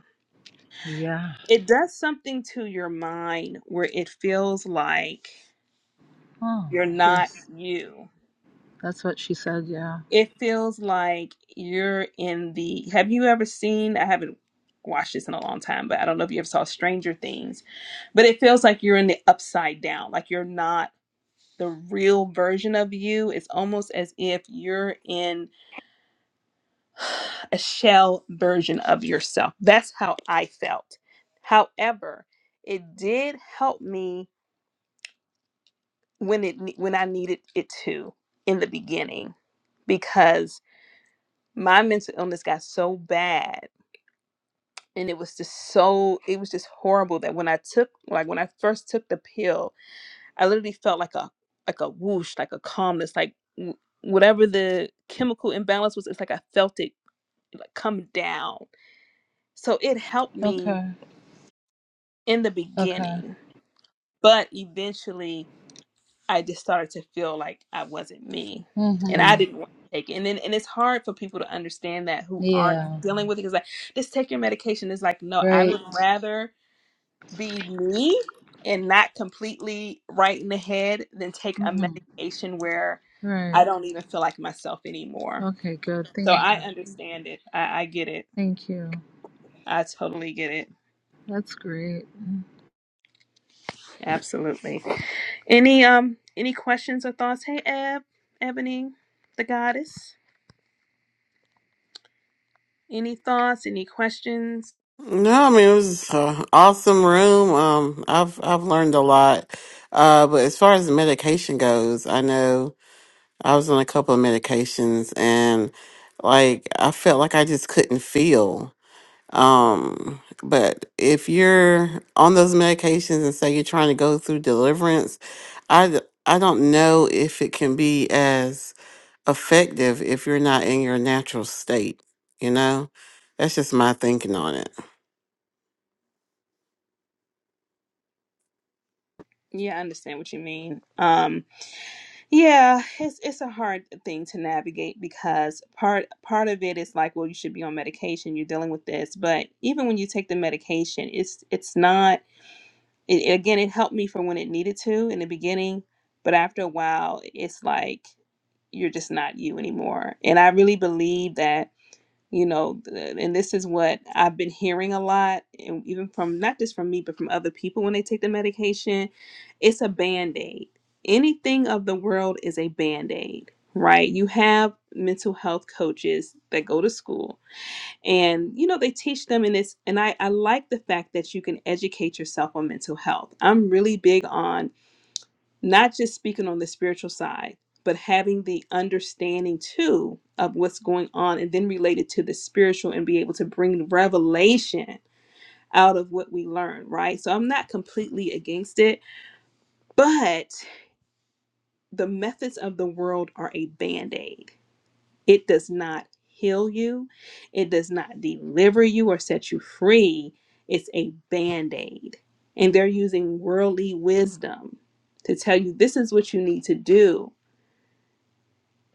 [SPEAKER 5] Yeah.
[SPEAKER 1] It does something to your mind where it feels like
[SPEAKER 5] Oh,
[SPEAKER 1] You're not
[SPEAKER 5] yes.
[SPEAKER 1] you.
[SPEAKER 5] That's what she said. Yeah.
[SPEAKER 1] It feels like you're in the. Have you ever seen? I haven't watched this in a long time, but I don't know if you ever saw Stranger Things, but it feels like you're in the upside down. Like you're not the real version of you. It's almost as if you're in [sighs] a shell version of yourself. That's how I felt. However, it did help me when it when I needed it to in the beginning because my mental illness got so bad and it was just so it was just horrible that when i took like when i first took the pill i literally felt like a like a whoosh like a calmness like w- whatever the chemical imbalance was it's like i felt it like come down so it helped me
[SPEAKER 5] Okay.
[SPEAKER 1] in the
[SPEAKER 5] Okay.
[SPEAKER 1] beginning but eventually I just started to feel like I wasn't me, and I
[SPEAKER 5] hmm
[SPEAKER 1] didn't want to take it. And then, and it's hard for people to understand that who aren't
[SPEAKER 5] Yeah.
[SPEAKER 1] dealing with it. Because like, just take your medication. It's like, no, I would
[SPEAKER 5] Right.
[SPEAKER 1] rather be me and not completely right in the head than take a
[SPEAKER 5] hmm
[SPEAKER 1] medication where I
[SPEAKER 5] Right.
[SPEAKER 1] don't even feel like myself anymore.
[SPEAKER 5] Okay. Good.
[SPEAKER 1] So
[SPEAKER 5] Thank you.
[SPEAKER 1] I understand it. I, I get it.
[SPEAKER 5] Thank you.
[SPEAKER 1] I totally get it.
[SPEAKER 5] That's great.
[SPEAKER 1] Absolutely. Any um any questions or thoughts? Hey, Eb, Ebony, the goddess. Any thoughts? Any questions?
[SPEAKER 3] No, I mean it was an awesome room. Um, I've I've learned a lot. Uh, but as far as the medication goes, I know I was on a couple of medications, and like I felt like I just couldn't feel. Um, but if you're on those medications and say you're trying to go through deliverance, I d- I don't know if it can be as effective if you're not in your natural state. You know, that's just my thinking on it.
[SPEAKER 1] Yeah, I understand what you mean. Um, yeah, it's it's a hard thing to navigate because part part of it is like, well, you should be on medication. You're dealing with this, but even when you take the medication, it's it's not. It, again, it helped me for when it needed to in the beginning, but after a while, it's like you're just not you anymore. And I really believe that you know th- and this is what i've been hearing a lot and even from not just from me but from other people when they take the medication it's a band-aid anything of the world is a band-aid right you have mental health coaches that go to school and you know they teach them in this and i i like the fact that you can educate yourself on mental health i'm really big on not just speaking on the spiritual side, but having the understanding too of what's going on and then relate it to the spiritual and be able to bring revelation out of what we learn, right? So I'm not completely against it, but the methods of the world are a band aid. It does not heal you, it does not deliver you or set you free. It's a band aid. And they're using worldly wisdom to tell you this is what you need to do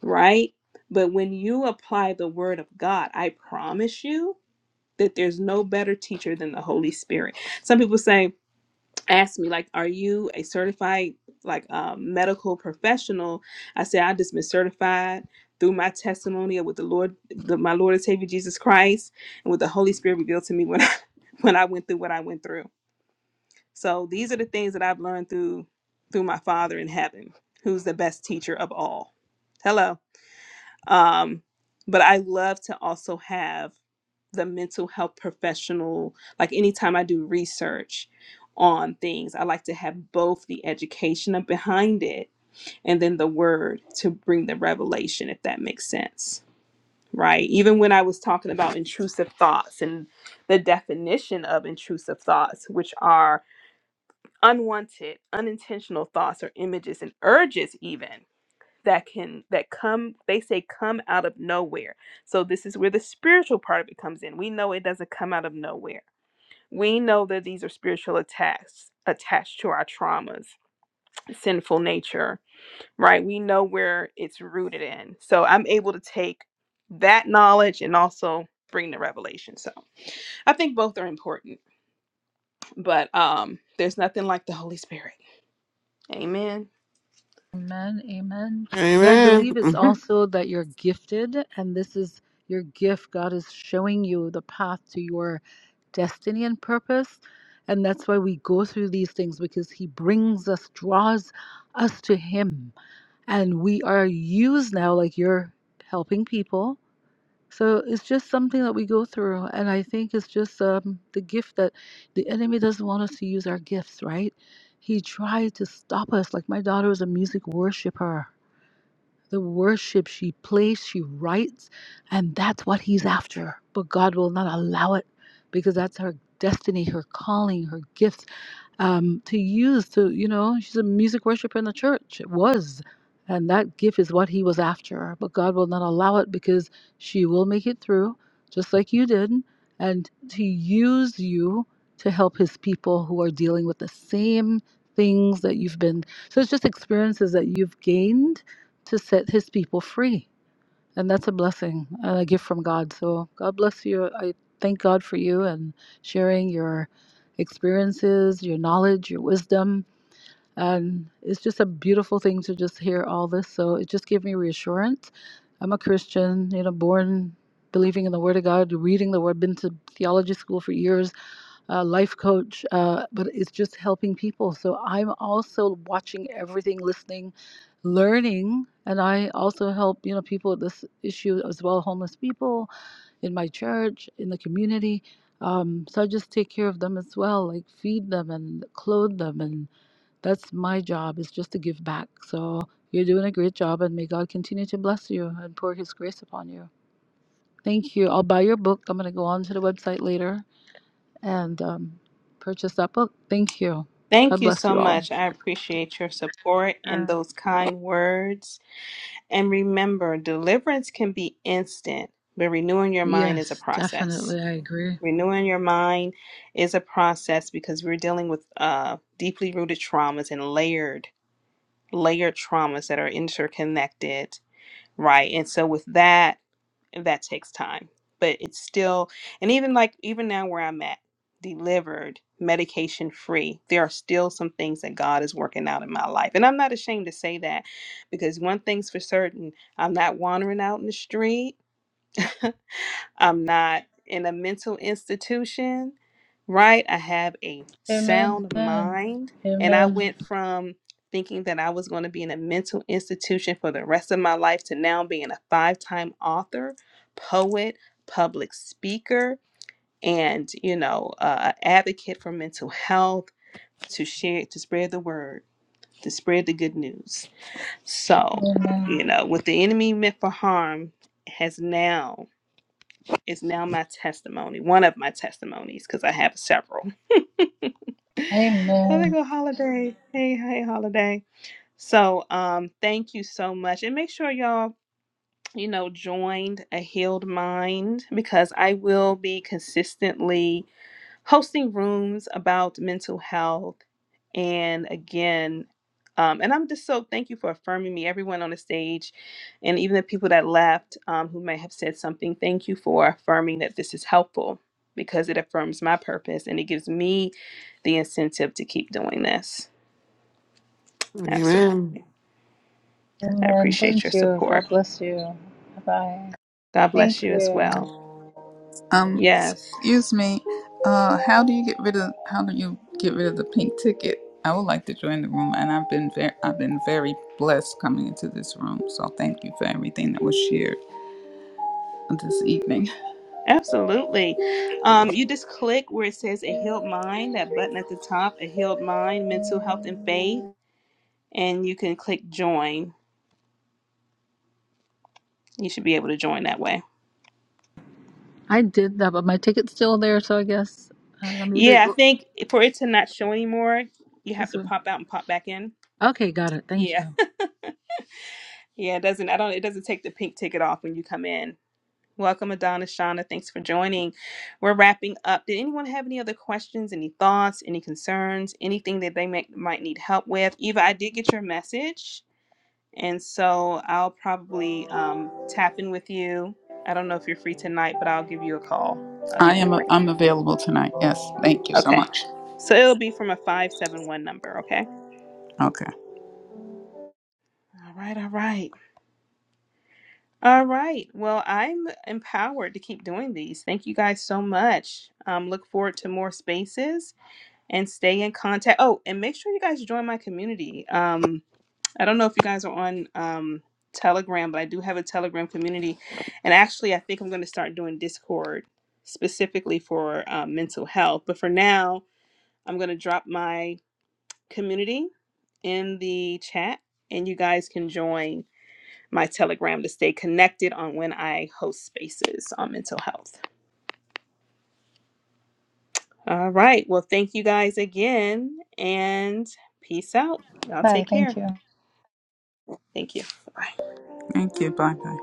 [SPEAKER 1] right? But when you apply the word of God, I promise you that there's no better teacher than the Holy Spirit. Some people say, ask me, like, are you a certified like um, medical professional? I say, I just been certified through my testimony of with the Lord, the, my Lord and Savior Jesus Christ, and with the Holy Spirit revealed to me when I, [laughs] when I went through what I went through. So these are the things that I've learned through through my Father in heaven, who's the best teacher of all. Hello um but i love to also have the mental health professional like anytime i do research on things i like to have both the education of behind it and then the word to bring the revelation if that makes sense right even when i was talking about intrusive thoughts and the definition of intrusive thoughts which are unwanted unintentional thoughts or images and urges even that can that come they say come out of nowhere so this is where the spiritual part of it comes in we know it doesn't come out of nowhere we know that these are spiritual attacks attached to our traumas sinful nature right we know where it's rooted in so i'm able to take that knowledge and also bring the revelation so i think both are important but um there's nothing like the holy spirit amen
[SPEAKER 5] Amen. Amen. And I
[SPEAKER 3] Amen.
[SPEAKER 5] believe it's
[SPEAKER 3] Mhm.
[SPEAKER 5] also that you're gifted, and this is your gift. God is showing you the path to your destiny and purpose. And that's why we go through these things because He brings us, draws us to Him. And we are used now, like you're helping people. So it's just something that we go through, and I think it's just um, the gift that the enemy doesn't want us to use our gifts, right? He tried to stop us. Like my daughter is a music worshiper. The worship she plays, she writes, and that's what he's after. But God will not allow it because that's her destiny, her calling, her gift um, to use to, you know, she's a music worshiper in the church. It was. And that gift is what he was after. But God will not allow it because she will make it through, just like you did, and to use you to help his people who are dealing with the same things that you've been. So it's just experiences that you've gained to set his people free and that's a blessing and a gift from God. So God bless you. I thank God for you and sharing your experiences, your knowledge, your wisdom. And it's just a beautiful thing to just hear all this. So it just gave me reassurance. I'm a Christian, you know, born believing in the Word of God, reading the Word, been to theology school for years uh, life coach, uh, but it's just helping people. So I'm also watching everything, listening, learning, and I also help you know people with this issue as well, homeless people in my church, in the community. Um, so I just take care of them as well, like feed them and clothe them, and that's my job is just to give back. So you're doing a great job, and may God continue to bless you and pour His grace upon you. Thank you. I'll buy your book. I'm going to go on to the website later and um, purchase that book. Thank you.
[SPEAKER 1] thank
[SPEAKER 5] God
[SPEAKER 1] you
[SPEAKER 5] bless
[SPEAKER 1] so
[SPEAKER 5] you all.
[SPEAKER 1] much i appreciate your support and
[SPEAKER 5] Mm.
[SPEAKER 1] those kind words And remember, deliverance can be instant, but renewing your mind is a
[SPEAKER 5] Yes,
[SPEAKER 1] process.
[SPEAKER 5] definitely. I agree.
[SPEAKER 1] Renewing your mind is a process because we're dealing with uh, deeply rooted traumas and layered, layered traumas that are interconnected, right? And so, with that, and that takes time but it's still and even like even now where i'm at delivered medication free there are still some things that god is working out in my life and i'm not ashamed to say that because one thing's for certain i'm not wandering out in the street [laughs] I'm not in a mental institution, right? I have a
[SPEAKER 5] Amen.
[SPEAKER 1] sound
[SPEAKER 5] Amen.
[SPEAKER 1] mind. And I
[SPEAKER 5] Amen.
[SPEAKER 1] went from thinking that I was going to be in a mental institution for the rest of my life to now being a five time author, poet, public speaker, and, you know, uh, a advocate for mental health to share, to spread the word, to spread the good news. So,
[SPEAKER 5] Amen.
[SPEAKER 1] you know, what the enemy meant for harm has now is now my testimony, one of my testimonies, because I have several. [laughs] Oh, there
[SPEAKER 5] Amen.
[SPEAKER 1] go Holiday. Hey, hey, Holiday. So, um, thank you so much, and make sure y'all, you know, joined a healed mind because I will be consistently hosting rooms about mental health. And again, um, and I'm just so thank you for affirming me, everyone on the stage, and even the people that left um, who may have said something. Thank you for affirming that this is helpful because it affirms my purpose and it gives me the incentive to keep doing this. Absolutely.
[SPEAKER 3] Amen.
[SPEAKER 1] I
[SPEAKER 5] Amen.
[SPEAKER 1] appreciate your
[SPEAKER 5] Thank you. God
[SPEAKER 1] support.
[SPEAKER 5] bless you. Bye.
[SPEAKER 1] God
[SPEAKER 5] Thank
[SPEAKER 1] bless you as
[SPEAKER 5] you.
[SPEAKER 1] well.
[SPEAKER 7] Um,
[SPEAKER 1] Yes.
[SPEAKER 7] excuse me. Uh, how do you get rid of how do you get rid of the pink ticket? I would like to join the room, and I've been very I've been very blessed coming into this room. So thank you for everything that was shared this evening.
[SPEAKER 1] Absolutely. Um, you just click where it says a healed mind, that button at the top, a healed mind, mental health and faith, and you can click join. You should be able to join that way.
[SPEAKER 5] I did that, but my ticket's still there, so I guess I don't know, maybe
[SPEAKER 1] Yeah,
[SPEAKER 5] it,
[SPEAKER 1] I think for it to not show anymore, you have
[SPEAKER 5] this
[SPEAKER 1] to
[SPEAKER 5] one.
[SPEAKER 1] pop out and pop back in.
[SPEAKER 5] Okay, got it. Thank
[SPEAKER 1] Yeah.
[SPEAKER 5] you.
[SPEAKER 1] Yeah, it doesn't I don't it doesn't take the pink ticket off when you come in. Welcome Adana Shauna. Thanks for joining. We're wrapping up. Did anyone have any other questions, any thoughts, any concerns, anything that they may, might need help with? Eva, I did get your message. And so I'll probably um, tap in with you. I don't know if you're free tonight, but I'll give you a call. I'll
[SPEAKER 7] I
[SPEAKER 1] give you a
[SPEAKER 7] am
[SPEAKER 1] ring.
[SPEAKER 7] I'm available tonight. Yes, thank you so
[SPEAKER 1] Okay.
[SPEAKER 7] much.
[SPEAKER 1] So it'll be from a 571 number, okay?
[SPEAKER 7] Okay,
[SPEAKER 1] All right, all right. All right. Well, I'm empowered to keep doing these. Thank you guys so much. Um, look forward to more spaces and stay in contact. Oh, and make sure you guys join my community. Um, I don't know if you guys are on um, Telegram, but I do have a Telegram community. And actually, I think I'm going to start doing Discord specifically for um, mental health. But for now, I'm going to drop my community in the chat, and you guys can join my Telegram to stay connected on when I host spaces on mental health. All right. Well, thank you guys again, and peace out. Y'all
[SPEAKER 5] Bye.
[SPEAKER 1] take
[SPEAKER 5] Thank
[SPEAKER 1] care.
[SPEAKER 5] you.
[SPEAKER 1] Thank you. Bye.
[SPEAKER 7] thank you. Bye bye.